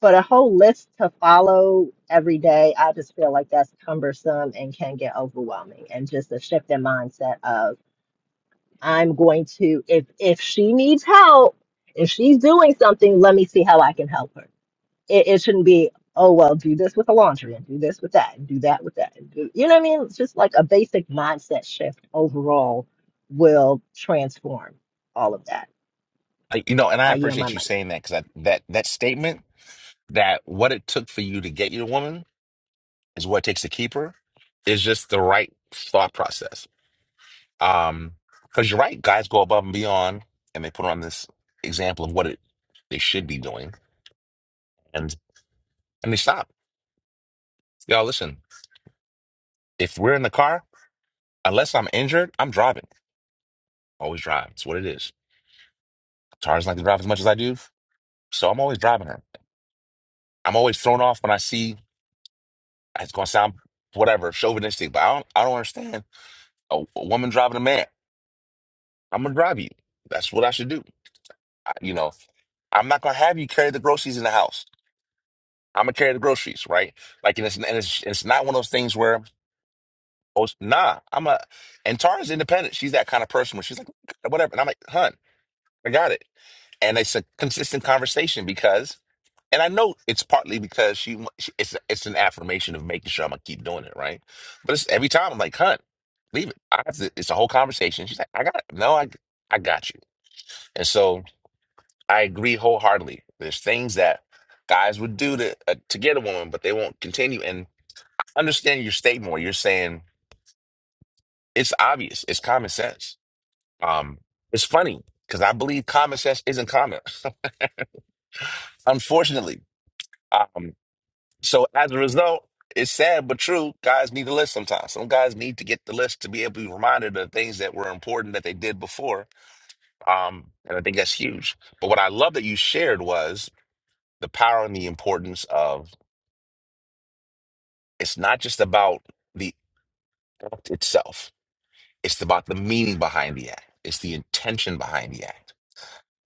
S5: but a whole list to follow every day, I just feel like that's cumbersome and can get overwhelming. And just a shift in mindset of I'm going to if if she needs help, if she's doing something, let me see how I can help her. It, it shouldn't be oh well, do this with the laundry and do this with that and do that with that. And do, you know what I mean? It's just like a basic mindset shift overall will transform all of that.
S1: I- You know, and I
S5: I yield my
S1: appreciate you
S5: mic.
S1: saying that because that, that statement that what it took for you to get your woman is what it takes to keep her is just the right thought process Um, because you're right, guys go above and beyond, and they put on this example of what it they should be doing, and and they stop. Y'all, listen. If we're in the car, unless I'm injured, I'm driving. Always drive. It's what it is. Tara doesn't like to drive as much as I do, so I'm always driving her. I'm always thrown off when I see. It's gonna sound whatever chauvinistic, but I don't. I don't understand a, a woman driving a man. I'm gonna drive you. That's what I should do. I, you know, I'm not gonna have you carry the groceries in the house. I'm gonna carry the groceries, right? Like, and it's and it's, it's not one of those things where, oh nah, I'm a. And Tara's independent. She's that kind of person where she's like, whatever. And I'm like, hun, I got it. And it's a consistent conversation because, and I know it's partly because she, she it's it's an affirmation of making sure I'm gonna keep doing it, right? But it's every time I'm like, hun, leave it. I have to. It's a whole conversation. She's like, I got it. No, I I got you. And so I agree wholeheartedly. There's things that guys would do to uh, to get a woman, but they won't continue. And understanding your statement where you're saying it's obvious, it's common sense. Um, it's funny because I believe common sense isn't common, [laughs] unfortunately. Um, so as a result, it's sad but true. Guys need the list sometimes. Some guys need to get the list to be able to be reminded of things that were important that they did before. Um, and I think that's huge. But what I love that you shared was the power and the importance of it's not just about the act itself. It's about the meaning behind the act. It's the intention behind the act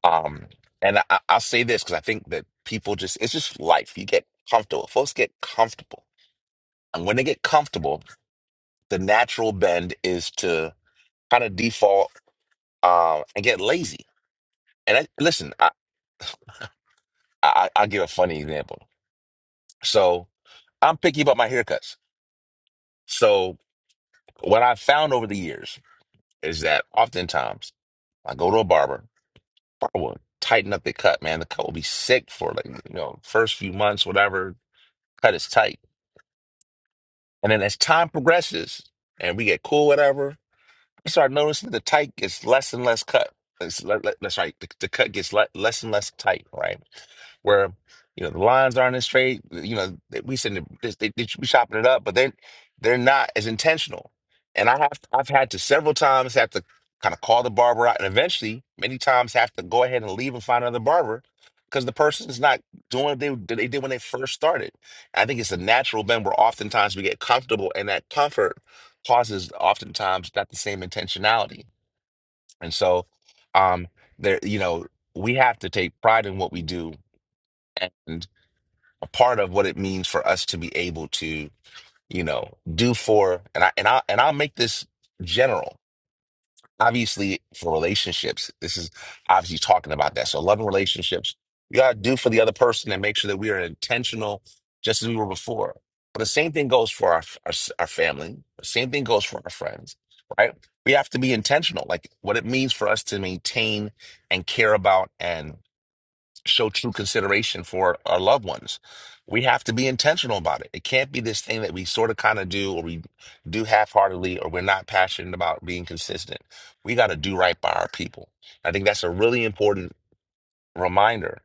S1: Um, and I, I- I'll say this because I think that people just, it's just life. You get comfortable. Folks get comfortable. And when they get comfortable, the natural bend is to kind of default uh, and get lazy. And I, listen, I, I, I'll give a funny example. So I'm picky about my haircuts. So what I've found over the years is that oftentimes I go to a barber, barber will tighten up the cut, man. The cut will be sick for like, you know, first few months, whatever. Cut is tight And then as time progresses and we get cool, whatever, you start noticing the tight gets less and less cut. It's le- le- That's right. The, the cut gets le- less and less tight, right? Where you know the lines aren't as straight. You know they- we said they, they, they should be chopping it up, but then they're, not as intentional. And I have I've had to several times have to kind of call the barber out, and eventually many times have to go ahead and leave and find another barber because the person is not doing what they that they did when they first started. I think it's a natural bend where oftentimes we get comfortable in that comfort causes oftentimes not the same intentionality. And so, um, there, you know, we have to take pride in what we do and a part of what it means for us to be able to, you know, do for, and I, and I, and I'll make this general obviously for relationships this is obviously talking about that so loving relationships we got to do for the other person and make sure that we are intentional just as we were before but the same thing goes for our our, our family the same thing goes for our friends right we have to be intentional like what it means for us to maintain and care about and show true consideration for our loved ones. We have to be intentional about it. It can't be this thing that we sort of kind of do or we do half heartedly or we're not passionate about being consistent. We got to do right by our people. I think that's a really important reminder.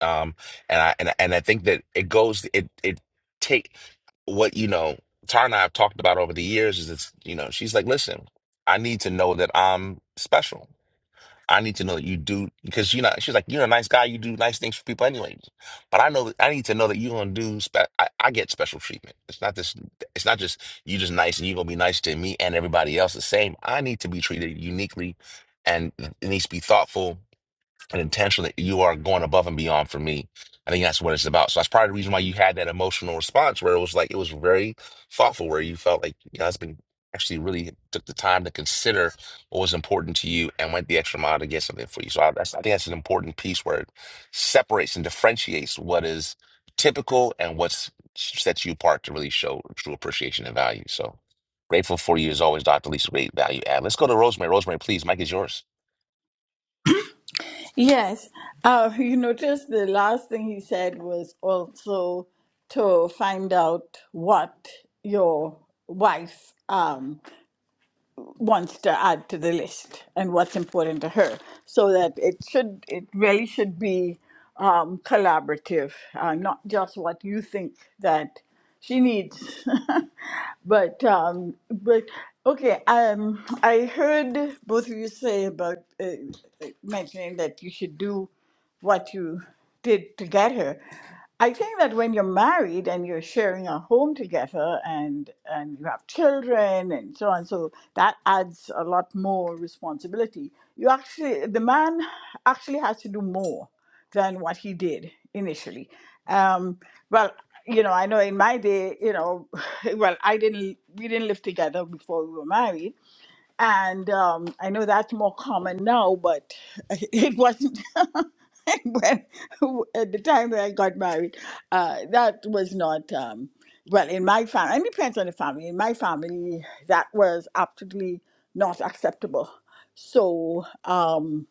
S1: Um, and I and, I- and I think that it goes it it take what you know Tara and I have talked about over the years is it's you know she's like listen I need to know that I'm special I need to know that you do because you know she's like you're a nice guy. You do nice things for people anyway. But I know that I need to know that you're gonna do. Spe- I, I get special treatment. It's not this. It's not just you just nice and you're gonna be nice to me and everybody else the same. I need to be treated uniquely, and it needs to be thoughtful and intentional that you are going above and beyond for me. I think that's what it's about. So that's probably the reason why you had that emotional response where it was like it was very thoughtful, where you felt like your husband actually really took the time to consider what was important to you and went the extra mile to get something for you. So I, that's, I think that's an important piece where it separates and differentiates what is typical and what's sets you apart to really show true appreciation and value. So grateful for you as always, Dr. Lisa. Great value add. Let's go to Rosemary. Rosemary, please. Mike is yours.
S6: Yes. Uh, [laughs] you notice the last thing he said was also to find out what your wife. um. wants to add to the list and what's important to her so that it should it really should be um, collaborative uh, not just what you think that she needs [laughs] but um, but okay um, i heard both of you say about uh, uh, mentioning that you should do what you did to get here. I think that when you're married and you're sharing a home together and and you have children and so on, so that adds a lot more responsibility. You actually the man actually has to do more than what he did initially. Um, well, you know, I know in my day, you know, [sighs] well, I didn't we didn't live together before we were married, and um, I know that's more common now, but [laughs] it wasn't [laughs] when at the time that I got married. Uh, that was not um, well in my family. It depends on the family. In my family, that was absolutely not acceptable. So um,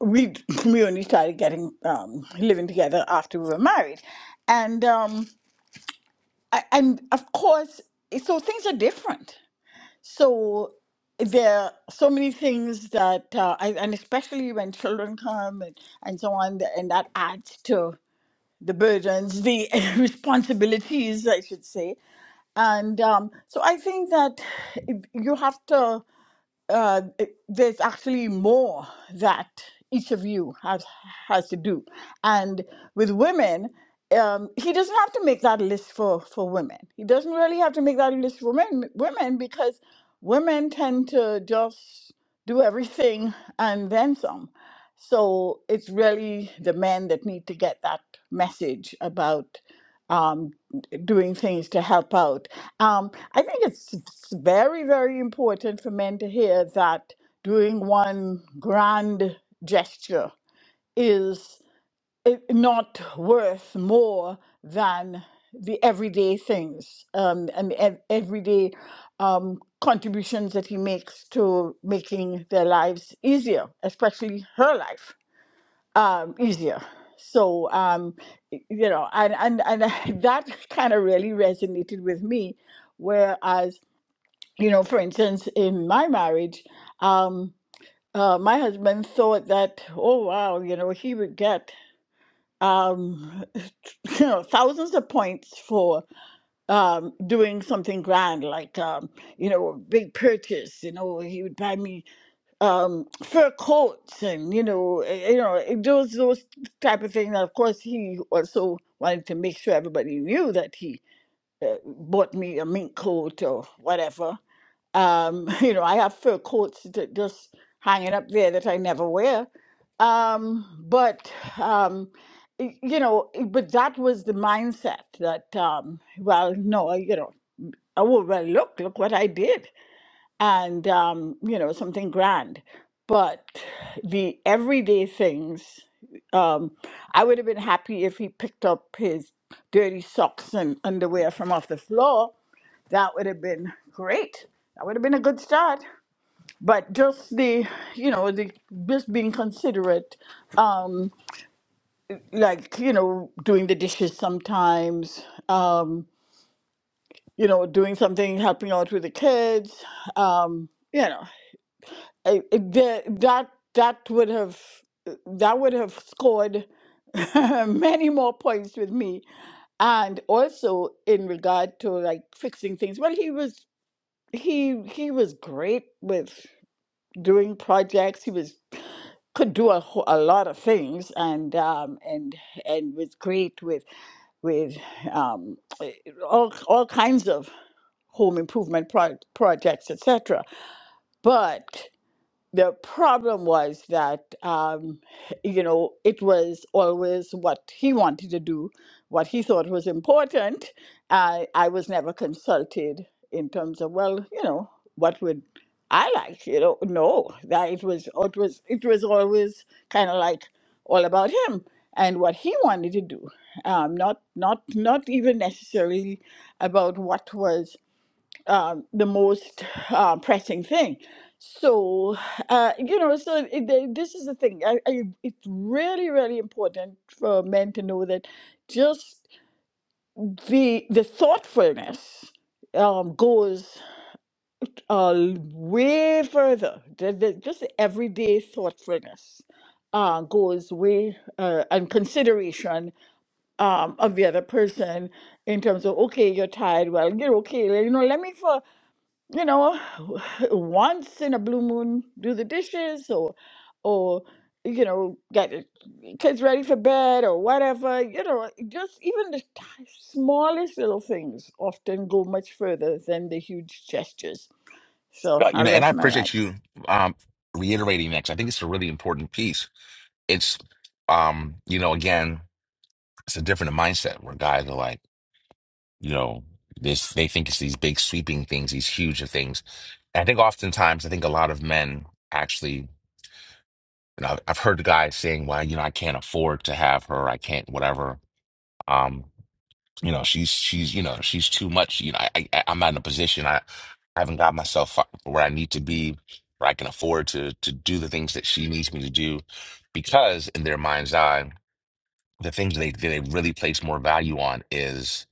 S6: we [laughs] [clears throat] we only started getting um, living together after we were married, and um, I, and of course, so things are different so there are so many things that, uh, I, and especially when children come and, and so on, the- and that adds to the burdens, the [laughs] responsibilities, I should say. And um, so I think that if you have to uh, it- there's actually more that each of you has has to do. And with women, um, he doesn't have to make that list for for women. He doesn't really have to make that list for men, women because women tend to just do everything and then some. So it's really the men that need to get that message about um, doing things to help out. Um, I think it's it's very, very important for men to hear that doing one grand gesture is i- not worth more than the everyday things um, and the ev- everyday um, contributions that he makes to making their lives easier, especially her life um, easier. So um, y- you know, and and and I- [laughs] that kind of really resonated with me. Whereas you know, for instance, in my marriage, um, uh, my husband thought that oh wow, you know, he would get um, [laughs] you know thousands of points for um, doing something grand like um, you know a big purchase. You know, he would buy me um, fur coats and you know eh, eh, you know eh, those those type of things. And of course, he also wanted to make sure everybody knew that he uh, bought me a mink coat or whatever. Um, [laughs] you know, I have fur coats that just hanging up there that I never wear. Um, but um, y- you know, eh, but that was the mindset that um, well, no, you know, I will well look look what I did and um, you know something grand but the everyday things um, i would have been happy if he picked up his dirty socks and underwear from off the floor that would have been great that would have been a good start but just the you know the just being considerate um like you know doing the dishes sometimes um you know doing something helping out with the kids um you know. I, that that that would have that would have scored [laughs] many more points with me and also in regard to like fixing things well he was he he was great with doing projects he was could do a, wh- a lot of things and um and and was great with with um eh, all all kinds of home improvement pro- projects etc but the problem was that um, you know it was always what he wanted to do what he thought was important uh, i was never consulted in terms of well you know what would i like you know no that it was it was it was always kind of like all about him and what he wanted to do um, not not not even necessarily about what was um, the most uh, pressing thing. So, uh, you know, so it, the- this is the thing. I, I, it's really, really important for men to know that just the the thoughtfulness um, goes uh, way further. The, the, just the everyday thoughtfulness uh, goes way uh, and consideration um, of the other person in terms of okay, you're tired. Well, you're okay. You know, let me for you know, [sighs] [laughs] once in a blue moon, do the dishes or, or, you know, get the kids ready for bed or whatever. You know, just even the ti- smallest little things often go much further than the huge gestures. So
S1: Right, You
S6: I'll
S1: know, and I
S6: rest my
S1: appreciate
S6: mic.
S1: you um, reiterating that 'cause I think it's a really important piece. It's, um, you know, again, it's a different mindset where guys are like, you know, this they think it's these big sweeping things, these huge things. And I think oftentimes, I think a lot of men actually, you know, I've heard the guys saying, "Well, you know, I can't afford to have her. I can't, whatever." Um, you know she's she's you know she's too much you know I, I I'm not in a position I I haven't got myself fu- where I need to be where I can afford to to do the things that she needs me to do because in their mind's eye the things they they really place more value on is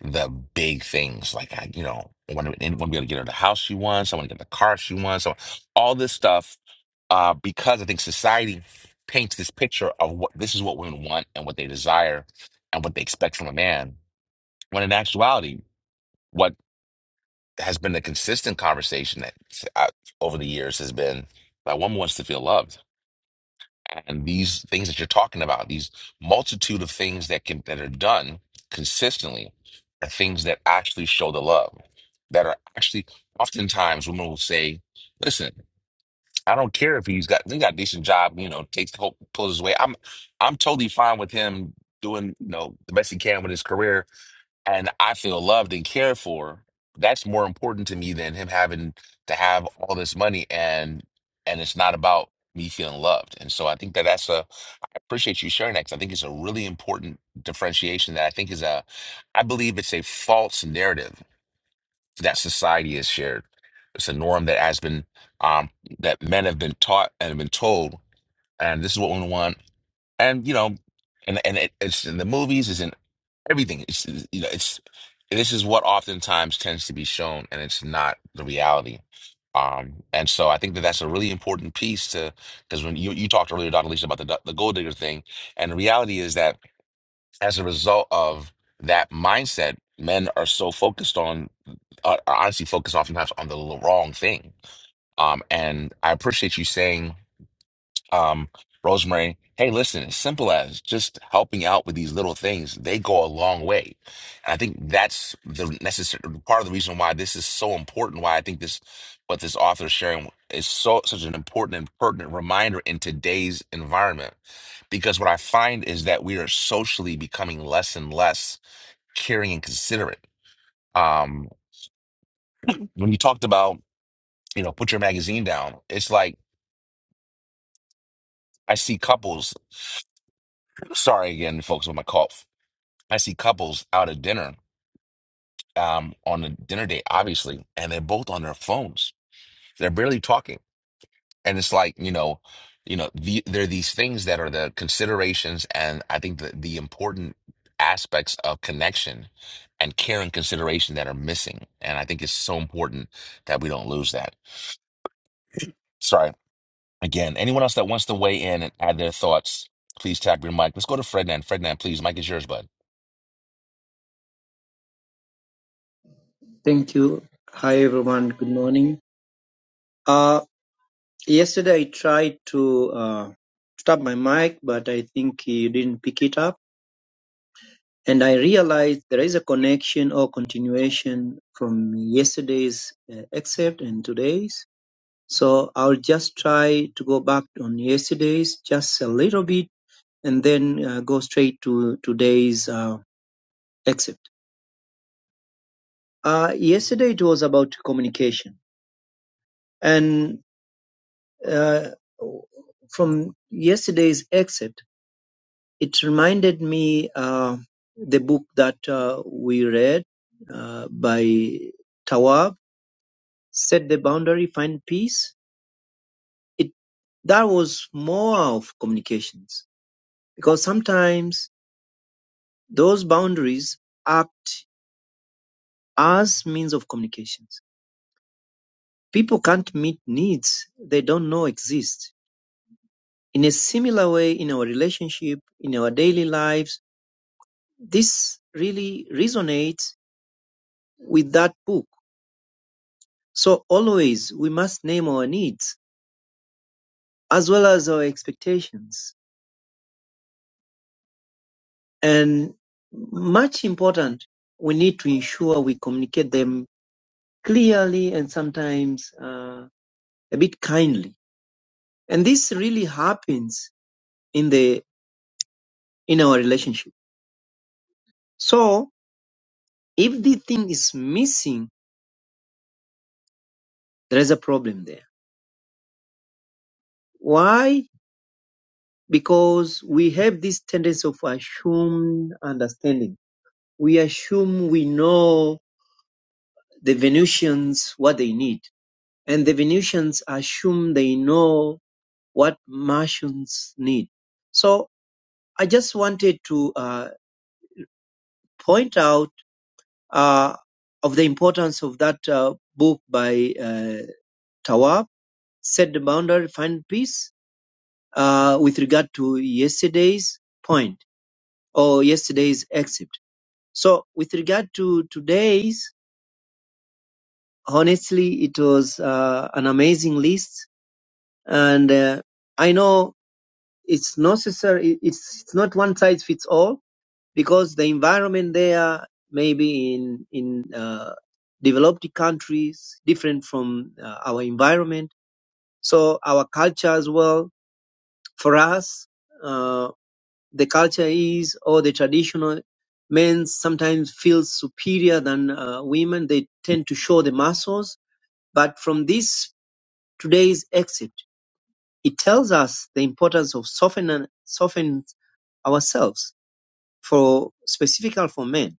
S1: the big things like I you know I want to I want to be able to get her the house she wants I want to get the car she wants so all this stuff uh because I think society paints this picture of what this is what women want and what they desire and what they expect from a man when in actuality, what has been the consistent conversation that uh, over the years has been that woman wants to feel loved, and these things that you're talking about, these multitude of things that can that are done consistently, are things that actually show the love. That are actually oftentimes women will say, "Listen, I don't care if he's got he got a decent job, you know, takes pulls his way. I'm I'm totally fine with him doing you know the best he can with his career." and I feel loved and cared for, that's more important to me than him having to have all this money and and it's not about me feeling loved. And so I think that that's a I appreciate you sharing that because I think it's a really important differentiation that I think is a I believe it's a false narrative that society has shared. It's a norm that has been um that men have been taught and have been told and this is what we want and you know, and and it, it's in the movies, it's in everything. It's it's- you know, it's this is what oftentimes tends to be shown, and it's not the reality. Um, and so I think that that's a really important piece to because when you you talked earlier, Dr. Lisa, about the the gold digger thing, and the reality is that as a result of that mindset, men are so focused on are are honestly focused oftentimes on the l- wrong thing. Um, and I appreciate you saying um, Rosemary, hey, listen, as simple as just helping out with these little things, they go a long way. And I think that's the necessary part of the reason why this is so important, why I think this, what this author is sharing is so such an important and pertinent reminder in today's environment. Because what I find is that we are socially becoming less and less caring and considerate. Um, when you talked about, you know, put your magazine down, it's like I see couples. Sorry again, folks, with my cough I see couples out at dinner, um, on a dinner date, obviously, and they're both on their phones. They're barely talking, and it's like you know, you know, the, there are these things that are the considerations, and I think the the important aspects of connection and care and consideration that are missing, and I think it's so important that we don't lose that. Sorry, again, anyone else that wants to weigh in and add their thoughts, please tap your mic. Let's go to Frednan. Frednan, please, mic is yours, bud.
S8: Thank you. Hi, everyone. Good morning. Uh, yesterday I tried to uh, stop my mic, but I think you didn't pick it up. And I realized there is a connection or continuation from yesterday's uh, excerpt and today's. So I'll just try to go back on yesterday's just a little bit and then uh, go straight to today's uh, excerpt. Uh, yesterday it was about communication. And uh, from yesterday's excerpt, it reminded me uh, the book that uh, we read uh, by Tawab, Set the Boundary, Find Peace. It That was more of communications because sometimes those boundaries act as means of communications. People can't meet needs they don't know exist. In a similar way, in our relationship, in our daily lives, This really resonates with that book, so always we must name our needs as well as our expectations. And much important, we need to ensure we communicate them clearly and sometimes uh, a bit kindly. And this really happens in the in our relationship. So if the thing is missing, there is a problem there. Why? Because we have this tendency of assumed understanding we assume we know the Venusians what they need, and the Venusians assume they know what Martians need. So I just wanted to uh, point out uh, of the importance of that uh, book by uh, Tawab, Set the Boundary, Find Peace, uh, with regard to yesterday's point or yesterday's exit. So with regard to today's, honestly, it was uh, an amazing list and uh, I know it's necessary. It's it's not one size fits all because the environment there maybe in in uh, developed countries different from uh, our environment. So our culture as well. For us, uh, the culture is or the traditional men sometimes feel superior than uh, women. They tend to show the muscles, but from this today's exit. It tells us the importance of softening softening ourselves for specifically for men.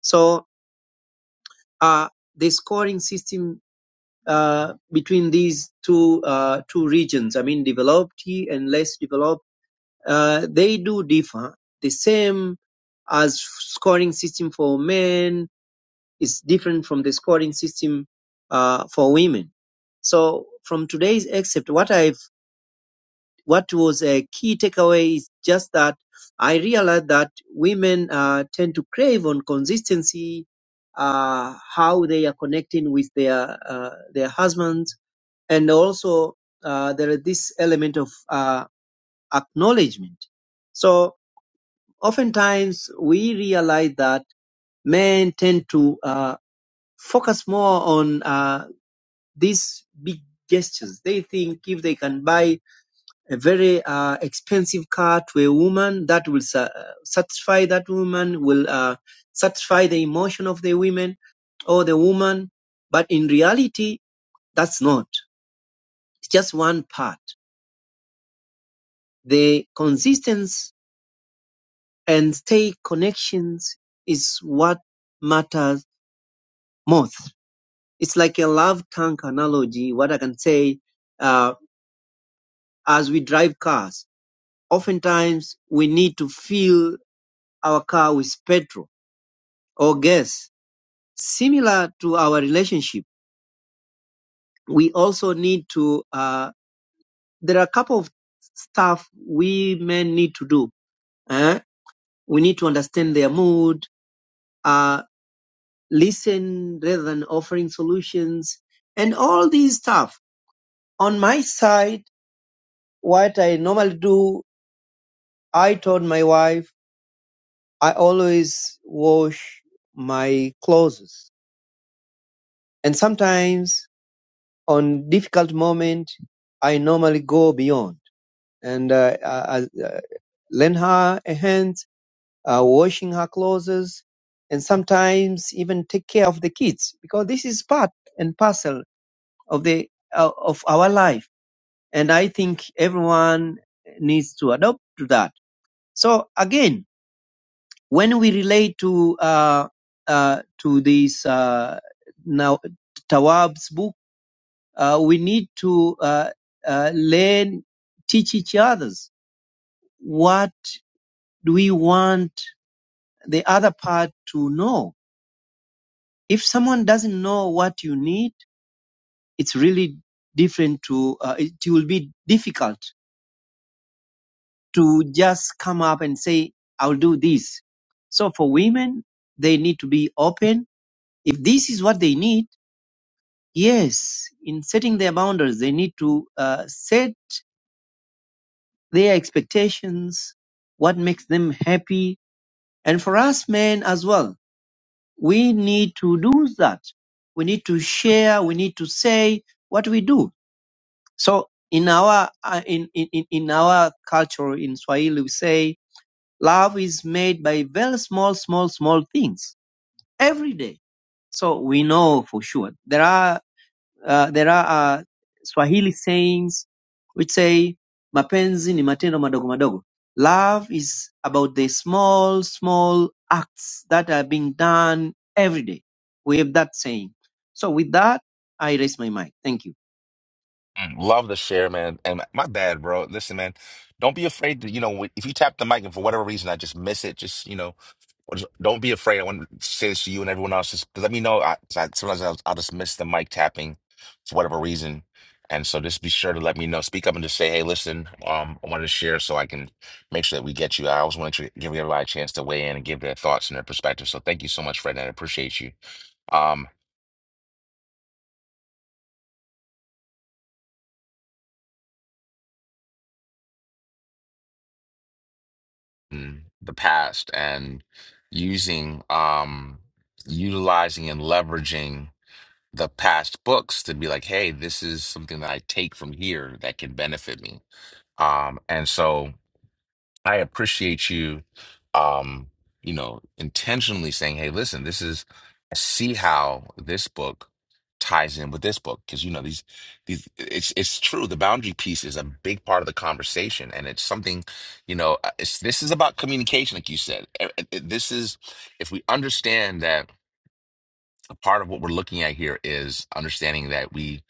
S8: So uh, the scoring system uh, between these two uh, two regions, I mean developed and less developed, uh, they do differ. The same as scoring system for men is different from the scoring system uh, for women. So from today's excerpt, what I what was a key takeaway is just that I realized that women uh, tend to crave on consistency, uh, how they are connecting with their uh, their husbands, and also uh, there is this element of uh, acknowledgement. So oftentimes we realize that men tend to uh, focus more on uh, these big gestures. They think if they can buy a very uh, expensive car to a woman that will sa- satisfy that woman will uh, satisfy the emotion of the women or the woman but in reality that's not it's just one part the consistency and stay connections is what matters most it's like a love tank analogy what i can say uh, as we drive cars oftentimes we need to fill our car with petrol or gas Similar to our relationship, we also need to, uh, there are a couple of stuff we men need to do. eh? We need to understand their mood, uh, listen rather than offering solutions, and all these stuff. On my side, what I normally do, I told my wife, I always wash my clothes. And sometimes on difficult moment, I normally go beyond. and uh, uh, uh, lend her a hand, uh, washing her clothes, and sometimes even take care of the kids because this is part and parcel of the uh, of our life. And I think everyone needs to adopt to that. So again, when we relate to uh, uh, to this uh, now Tawab's book, uh, we need to uh, uh, learn, teach each others what do we want the other part to know. If someone doesn't know what you need, it's really different to, uh, it will be difficult to just come up and say, I'll do this. So for women, they need to be open. If this is what they need, yes, in setting their boundaries, they need to uh, set their expectations, what makes them happy. And for us men as well, we need to do that. We need to share. We need to say what we do. So in our uh, in, in in in our culture in Swahili, we say love is made by very small, small, small things every day. So we know for sure there are uh, there are uh, Swahili sayings which say mapenzi ni matendo madogo madogo. Love is about the small, small acts that are being done every day. We have that saying. So with that, I raise my mic. Thank you.
S1: Mm, Love to share, man. And my bad, bro. Listen, man, don't be afraid to, you know, if you tap the mic and for whatever reason I just miss it, just, you know, or just, don't be afraid. I want to say this to you and everyone else. Just let me know. I, 'cause I sometimes I'll, I'll just miss the mic tapping for whatever reason. And so just be sure to let me know. Speak up and just say, hey, listen, um, I wanted to share so I can make sure that we get you. I always want to give everybody a chance to weigh in and give their thoughts and their perspective. So thank you so much, Fred. and I appreciate you. Um, in the past and using um utilizing and leveraging the past books to be like hey this is something that i take from here that can benefit me um and so I appreciate you, um, you know, intentionally saying, "Hey, listen, this is I see how this book ties in with this book because you know these these it's it's true. The boundary piece is a big part of the conversation, and it's something, you know, uh, it's this is about communication, like you said. E- e- This is if we understand that a part of what we're looking at here is understanding that we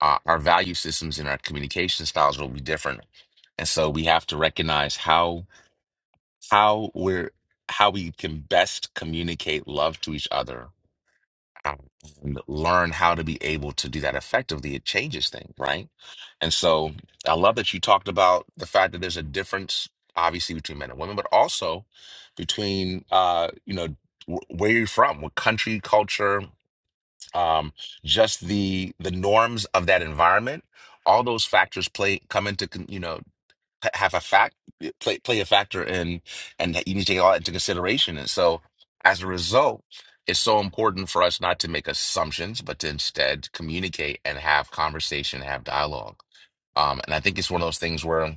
S1: uh, our value systems and our communication styles will be different, and so we have to recognize how." how we're how we can best communicate love to each other um, and learn how to be able to do that effectively it changes things right and so i love that you talked about the fact that there's a difference obviously between men and women but also between uh you know wh- where you're from what country culture um just the the norms of that environment all those factors play come into con- you know ha- have a fact eh, play play a factor in and that you need to take all that into consideration and so as a result it's so important for us not to make assumptions but to instead communicate and have conversation have dialogue um, and i think it's one of those things where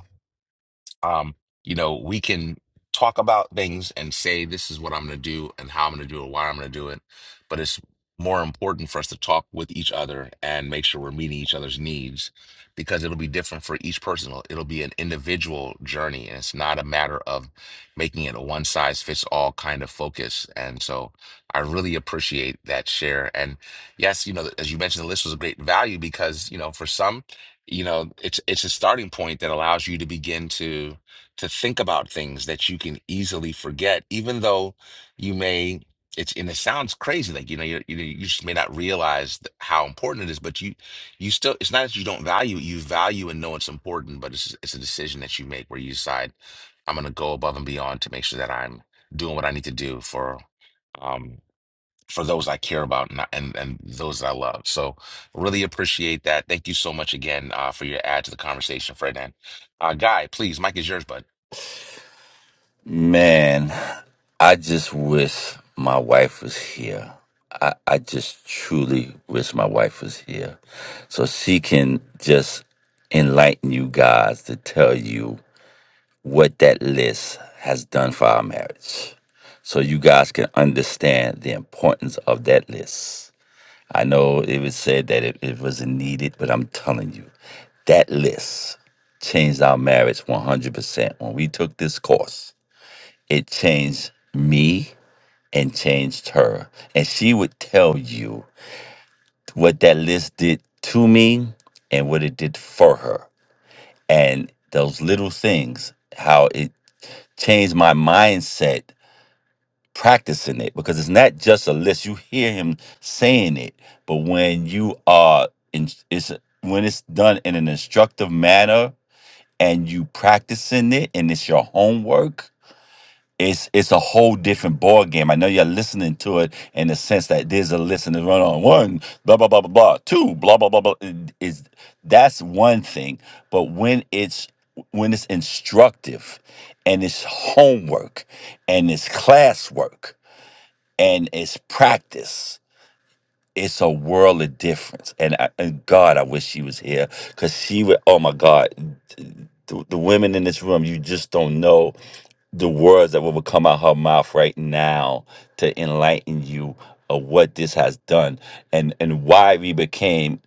S1: um, you know, we can talk about things and say this is what I'm going to do and how I'm going to do it, why I'm going to do it, but it's more important for us to talk with each other and make sure we're meeting each other's needs because it'll be different for each person. It'll it'll be an individual journey and it's not a matter of making it a one size fits all kind of focus. And so I really appreciate that share. And yes, you know, as you mentioned, the list was a great value because, you know, for some you know it's it's a starting point that allows you to begin to to think about things that you can easily forget even though you may it's and it sounds crazy like you know you you know, you just may not realize th- how important it is but you you still it's not that you don't value it, you value and know it's important but it's it's a decision that you make where you decide I'm going to go above and beyond to make sure that I'm doing what I need to do for Um, for those I care about and and, and those I love. So really appreciate that. Thank you so much again uh, for your add to the conversation, Fred. And uh, Guy, please, Mike is yours, bud.
S7: Man, I just wish my wife was here. I, I just truly wish my wife was here so she can just enlighten you guys to tell you what that list has done for our marriage so you guys can understand the importance of that list. I know it was said that it, it wasn't needed, but I'm telling you, that list changed our marriage 100% when we took this course it changed me and changed her. And she would tell you what that list did to me and what it did for her. And those little things, how it changed my mindset practicing it because it's not just a list. You hear him saying it, but when you are in, it's when it's done in an instructive manner and you practicing it and it's your homework it's it's a whole different ball game. I know you're listening to it in the sense that there's a list and it's run on one, blah blah blah blah blah, two, blah blah blah blah. Is that's one thing, but when it's when it's instructive, and it's homework, and it's classwork, and it's practice. It's a world of difference, and, I, and God, I wish she was here because she would. Oh my God, the, the women in this room, you just don't know the words that will come out her mouth right now to enlighten you of what this has done and and why we became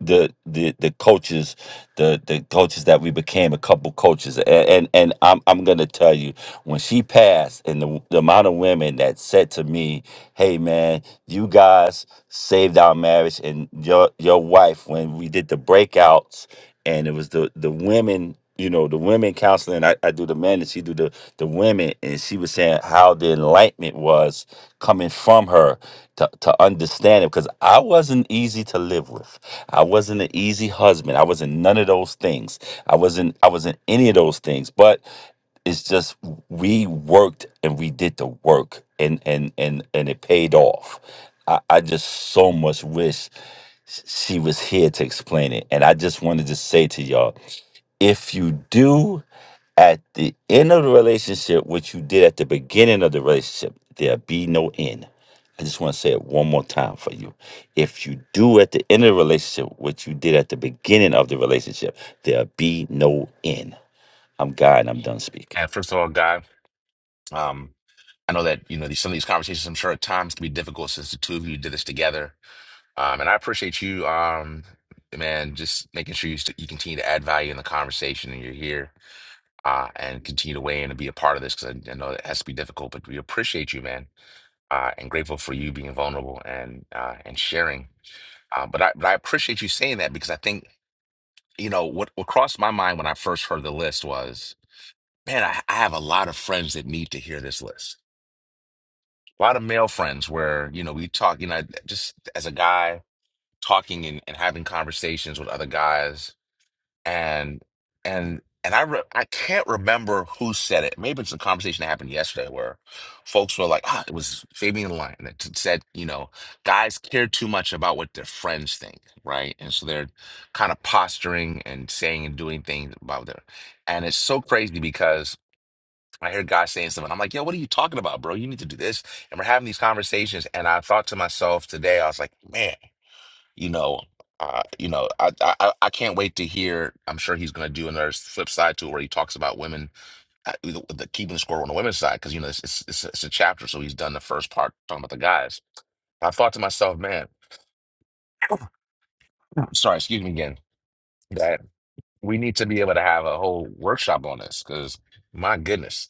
S7: the the the coaches the the coaches that we became a couple coaches and and, and I'm I'm going to tell you when she passed and the, the amount of women that said to me hey man you guys saved our marriage and your your wife when we did the breakouts and it was the the women you know the women counseling i, I do the men and she do the the women and she was saying how the enlightenment was coming from her to, to understand it because i wasn't easy to live with i wasn't an easy husband i wasn't none of those things i wasn't i wasn't any of those things but it's just we worked and we did the work and and and and it paid off i, I just so much wish sh- she was here to explain it and i just wanted to say to y'all if you do at the end of the relationship what you did at the beginning of the relationship there'll be no end i just want to say it one more time for you if you do at the end of the relationship what you did at the beginning of the relationship there'll be no end i'm god and i'm done speaking
S1: And first of all, Guy, um, I know that you know these, some of these conversations. I'm sure at times can be difficult since the two of you did this together. Um, and I appreciate you, um, man, just making sure you, st- you continue to add value in the conversation and you're here uh, and continue to weigh in and be a part of this because I, I know it has to be difficult, but we appreciate you, man. uh, and grateful for you being vulnerable and uh, and sharing. Uh, but I but I appreciate you saying that because I think you know what what crossed my mind when I first heard the list was, man, I, I have a lot of friends that need to hear this list. A lot of male friends where you know we talk, you know, just as a guy talking and, and having conversations with other guys and and and I re I can't remember who said it. Maybe it's a conversation that happened yesterday where folks were like, "Ah, it was Fabian Lyon that t- said, you know, guys care too much about what their friends think, right? And so they're kind of posturing and saying and doing things about their, and it's so crazy because." I hear guys saying something. I'm like, yo, what are you talking about, bro? You need to do this. And we're having these conversations. And I thought to myself today, I was like, man, you know, uh, you know, I, I I I can't wait to hear. I'm sure he's going to do another flip side to it where he talks about women, uh, the, the keeping score on the women's side because you know it's, it's it's it's a chapter, so he's done the first part talking about the guys. I thought to myself, man, sorry, excuse me again, that we need to be able to have a whole workshop on this because my goodness,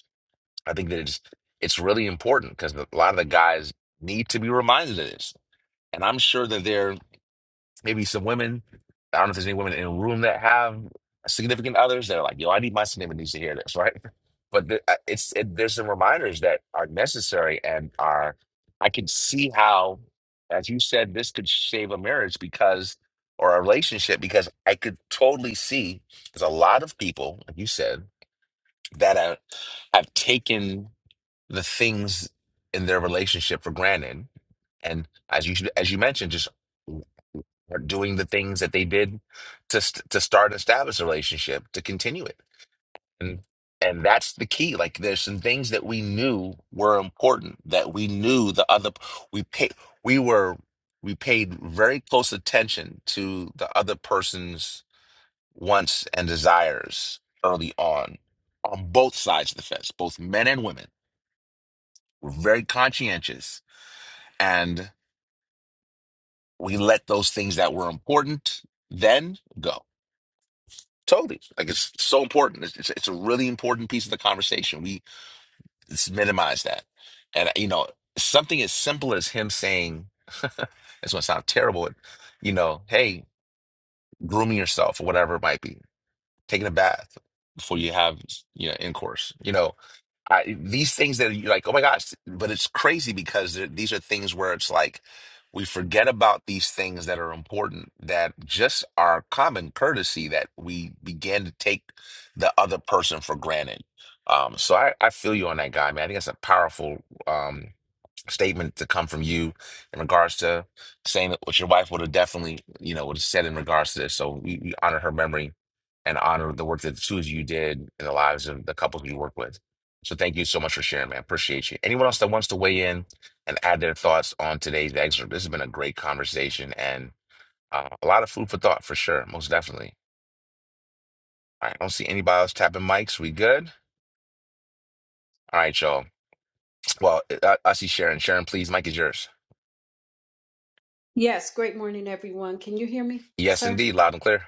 S1: I think that it's it's really important because a lot of the guys need to be reminded of this, and I'm sure that they're Maybe some women. I don't know if there's any women in the room that have significant others that are like, yo, I need my significant needs to hear this, [laughs] right? But the, I- it's it, there's some reminders that are necessary and are. I can see how, as you said, this could save a marriage because or a relationship because I could totally see there's a lot of people, like you said, that have, have taken the things in their relationship for granted and as you should, as you mentioned, just are doing the things that they did to st- to start and establish a relationship to continue it and and that's the key like there's some things that we knew were important that we knew the other we paid we were we paid very close attention to the other person's wants and desires early on on both sides of the fence both men and women were very conscientious and we let those things that were important then go Totally. Like it's so important. It's, it's, it's a really important piece of the conversation. We it's minimize that. And, you know, something as simple as him saying, [laughs] it's going to sound terrible, but, you know, hey, grooming yourself or whatever it might be, taking a bath before you have, you know, intercourse. you know. I, these things that you like, oh my gosh, but it's crazy because th- these are things where it's like we forget about these things that are important, that just are common courtesy that we begin to take the other person for granted. Um, so I, I feel you on that guy, man. I think that's a powerful. Um, statement to come from you in regards to saying that what your wife would have definitely, you know, would have said in regards to this. So we, we honor her memory and honor the work that the two of you did in the lives of the couples you work with. So thank you so much for sharing, man. Appreciate you. Anyone else that wants to weigh in and add their thoughts on today's excerpt? This has been a great conversation and uh, a lot of food for thought for sure, most definitely. All right, I don't see anybody else tapping mics. We good? All right, y'all. Well, I, I see Sharon. Sharon, please, mic is yours.
S4: Yes, great morning, everyone. Can you hear me,
S1: Yes,
S4: sir?
S1: indeed, loud and clear.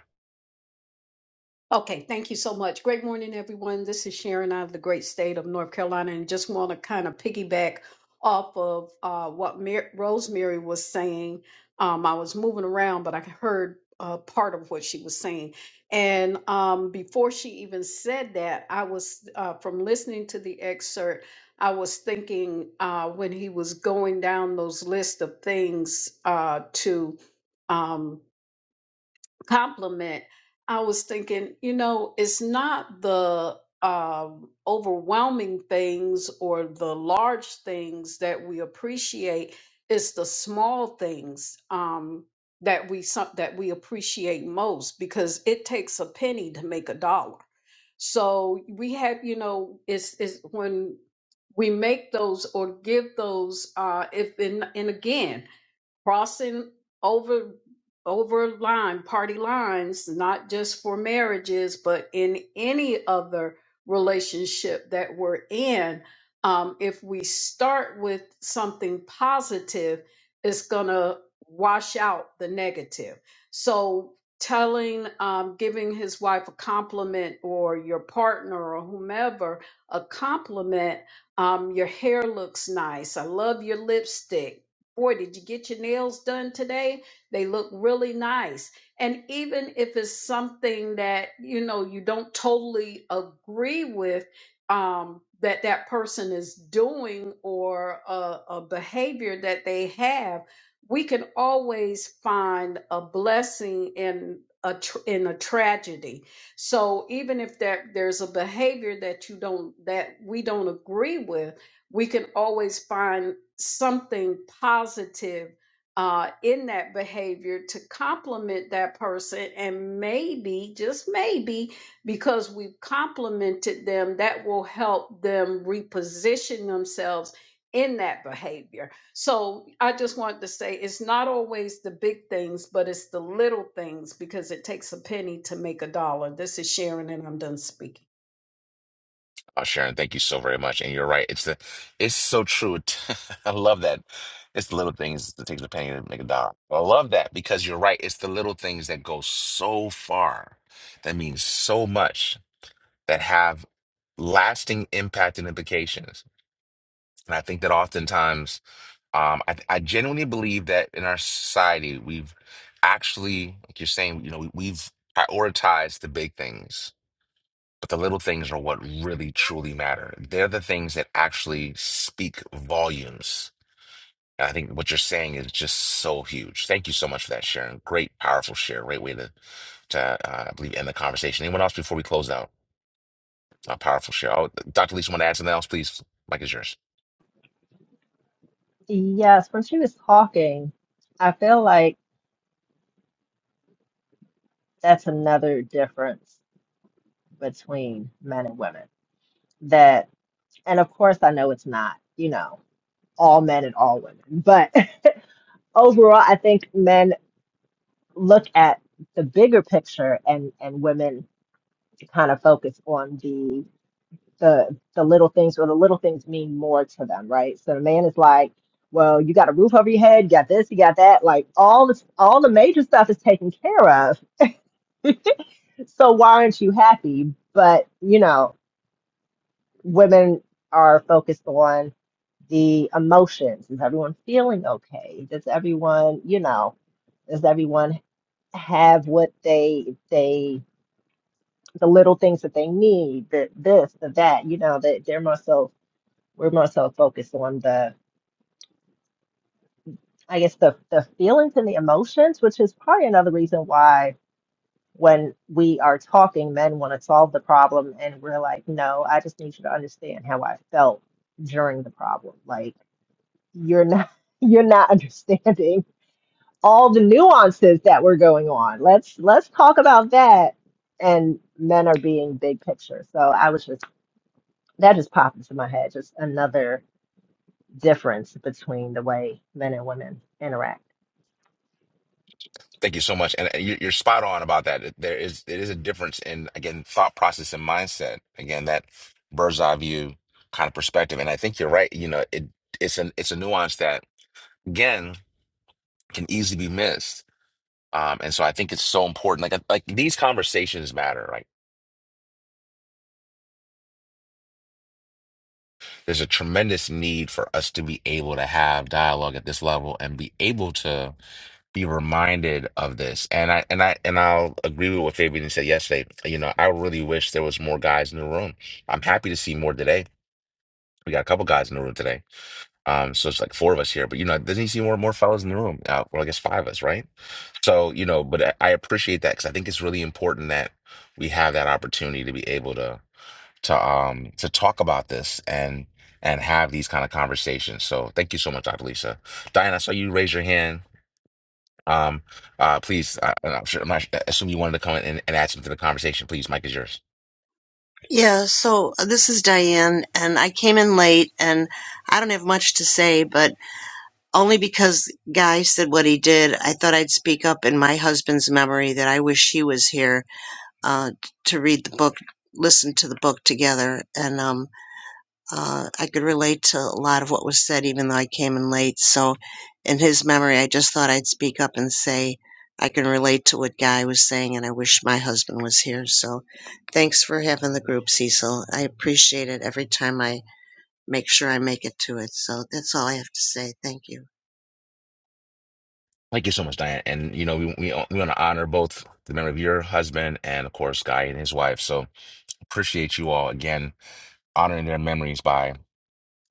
S4: Okay, thank you so much. Great morning, everyone. This is Sharon out of the great state of North Carolina, and just want to kind of piggyback off of uh, what Mar- Rosemary was saying. Um, I was moving around, but I heard uh, part of what she was saying. And um, before she even said that, I was, uh, from listening to the excerpt, I was thinking uh, when he was going down those list of things uh, to. Um, compliment, I was thinking, you know, it's not the um, overwhelming things or the large things that we appreciate. It's the small things um, that we some- that we appreciate most because it takes a penny to make a dollar. So we have, you know, it's it's when we make those or give those. Uh, if and and again, crossing over over line party lines not just for marriages but in any other relationship that we're in um, if we start with something positive it's gonna wash out the negative so telling um, giving his wife a compliment or your partner or whomever a compliment um, your hair looks nice i love your lipstick boy, did you get your nails done today? They look really nice. And even if it's something that, you know, you don't totally agree with, um, that that person is doing or a, a behavior that they have, we can always find a blessing in a tr- in a tragedy. So even if there there's a behavior that you don't that we don't agree with, we can always find something positive uh, in that behavior to compliment that person. And maybe, just maybe, because we've complimented them, that will help them reposition themselves in that behavior. So I just wanted to say it's not always the big things, but it's the little things because it takes a penny to make a dollar. This is Sharon, and I'm done speaking.
S1: Oh, Sharon, thank you so very much. And you're right. It's the, it's so true. [laughs] I love that. It's the little things that take the penny to make a dollar. I love that because you're right. It's the little things that go so far, that means so much, that have lasting impact and implications. And I think that oftentimes, um, I, I genuinely believe that in our society, we've actually, like you're saying, you know, we, we've prioritized the big things but the little things are what really truly matter. They're the things that actually speak volumes. And I think what you're saying is just so huge. Thank you so much for that, Sharon. Great, powerful share. Great way to, to uh, I believe, end the conversation. Anyone else before we close out? A powerful share. Oh, Dr. Lisa, want to add something else, please? Mike is yours.
S5: Yes, when she was talking, I feel like that's another difference between men and women. That, and of course, I know it's not, you know, all men and all women, but [laughs] overall, I think men look at the bigger picture and and women kind of focus on the the the little things or the little things mean more to them, right? So the man is like, well, you got a roof over your head, you got this, you got that, like all this, all the major stuff is taken care of. So why aren't you happy? But you know, women are focused on the emotions. Is everyone feeling okay? Does everyone, you know, does everyone have what they they the little things that they need, the this, the that, you know, that they're more so we're more so focused on the I guess the the feelings and the emotions, which is probably another reason why when we are talking, men want to solve the problem, and we're like, no, I just need you to understand how I felt during the problem. Like you're not [laughs] you're not understanding all the nuances that were going on. Let's let's talk about that. And men are being big picture. So I was just that just popped into my head. Just another difference between the way men and women interact.
S1: Thank you so much. And uh, you- you're spot on about that. It- There is, it is a difference in, again, thought process and mindset. Again, that bird's eye view kind of perspective. And I think you're right. You know, it, it's an, it's a nuance that, again, can easily be missed. Um, and so I think it's so important. Like like these conversations matter, right? There's a tremendous need for us to be able to have dialogue at this level and be able to be reminded of this. And I and I and I'll agree with what Fabian said yesterday. You know, I really wish there was more guys in the room. I'm happy to see more today. We got a couple guys in the room today Um, so it's like four of us here, but you know, doesn't he see more more fellows in the room? Uh, well, I guess five of us, right? So you know, but I, I appreciate that because I think it's really important that we have that opportunity to be able to to um to talk about this and and have these kind of conversations. So thank you so much, Dr. Lisa. Diane, I saw you raise your hand. Um, uh, please, I, I'm sure, I'm not, I assume you wanted to come in and, and add something to the conversation. Please, Mike is yours.
S9: Yeah, so uh, this is Diane, and I came in late, and I don't have much to say, but only because Guy said what he did, I thought I'd speak up in my husband's memory that I wish he was here uh, t- to read the book, listen to the book together. And um, uh, I could relate to a lot of what was said, even though I came in late. So, in his memory, I just thought I'd speak up and say I can relate to what Guy was saying, and I wish my husband was here. So, thanks for having the group, Cecil. I appreciate it every time I make sure I make it to it. So, that's all I have to say. Thank you.
S1: Thank you so much, Diane. And you know, we we we want to honor both the memory of your husband and of course Guy and his wife. So. Appreciate you all again honoring their memories by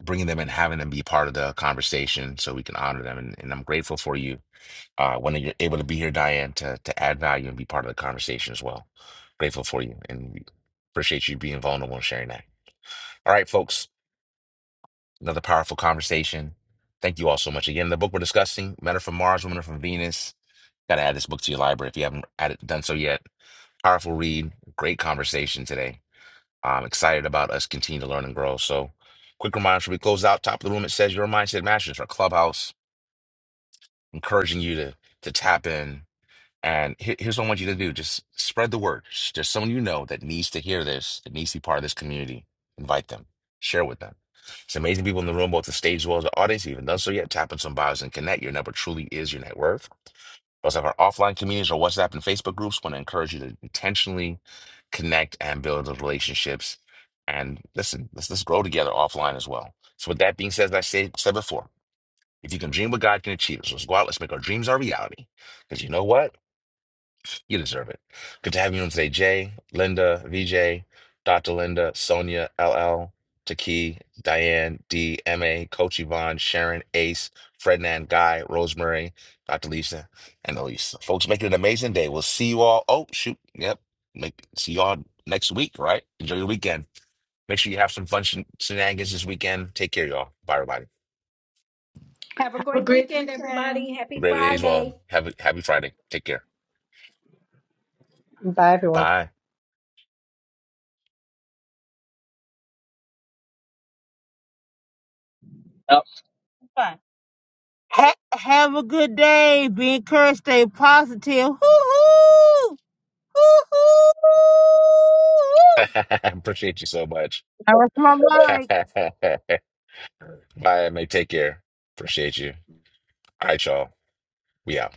S1: bringing them and having them be part of the conversation so we can honor them. And, and I'm grateful for you uh, when you're able to be here, Diane, to, to add value and be part of the conversation as well. Grateful for you and we appreciate you being vulnerable and sharing that. All right, folks, another powerful conversation. Thank you all so much. Again, the book we're discussing, Men Are From Mars, Women Are From Venus. Got to add this book to your library if you haven't added, done so yet. Powerful read, great conversation today. I'm excited about us continuing to learn and grow. So, quick reminder: should we close out top of the room? It says your mindset matches our clubhouse, encouraging you to to tap in. And here- here's what I want you to do: just spread the word. There's someone you know that needs to hear this, that needs to be part of this community. Invite them, share with them. It's amazing people in the room, both the stage as well as the audience. If you haven't done so yet, tap on some bios and connect. Your number truly is your net worth. Those of our offline communities or WhatsApp and Facebook groups want to encourage you to intentionally connect and build those relationships. And listen, let's let's grow together offline as well. So with that being said, as I said, said before, if you can dream what God can achieve, so let's go out, let's make our dreams our reality. Because you know what? You deserve it. Good to have you on today, Jay, Linda, VJ, Dr. Linda, Sonia, LL, Taki, Diane, D, MA, Coach Yvonne, Sharon, Ace, Frednan, Guy, Rosemary, Dr. Lisa, and Elise. Folks, make it an amazing day. We'll see you all. Oh, shoot. Yep. Make see y'all next week, right? Enjoy your weekend. Make sure you have some fun shen- shenanigans this weekend. Take care, y'all. Bye, everybody.
S4: Have a
S6: Have a
S4: great
S6: great
S4: weekend, everybody.
S6: weekend.
S4: Happy
S1: Great days,
S4: Friday.
S1: well. Have a happy Friday. Take care.
S5: Bye everyone.
S1: Bye.
S2: Yep. Fine. Ha- have a good day. Be encouraged. Stay positive. Hoo hoo. woo
S1: [laughs] Appreciate you so much.
S2: That was my mic.
S1: [laughs] Bye, mate. Take care. Appreciate you. All right, y'all. We out.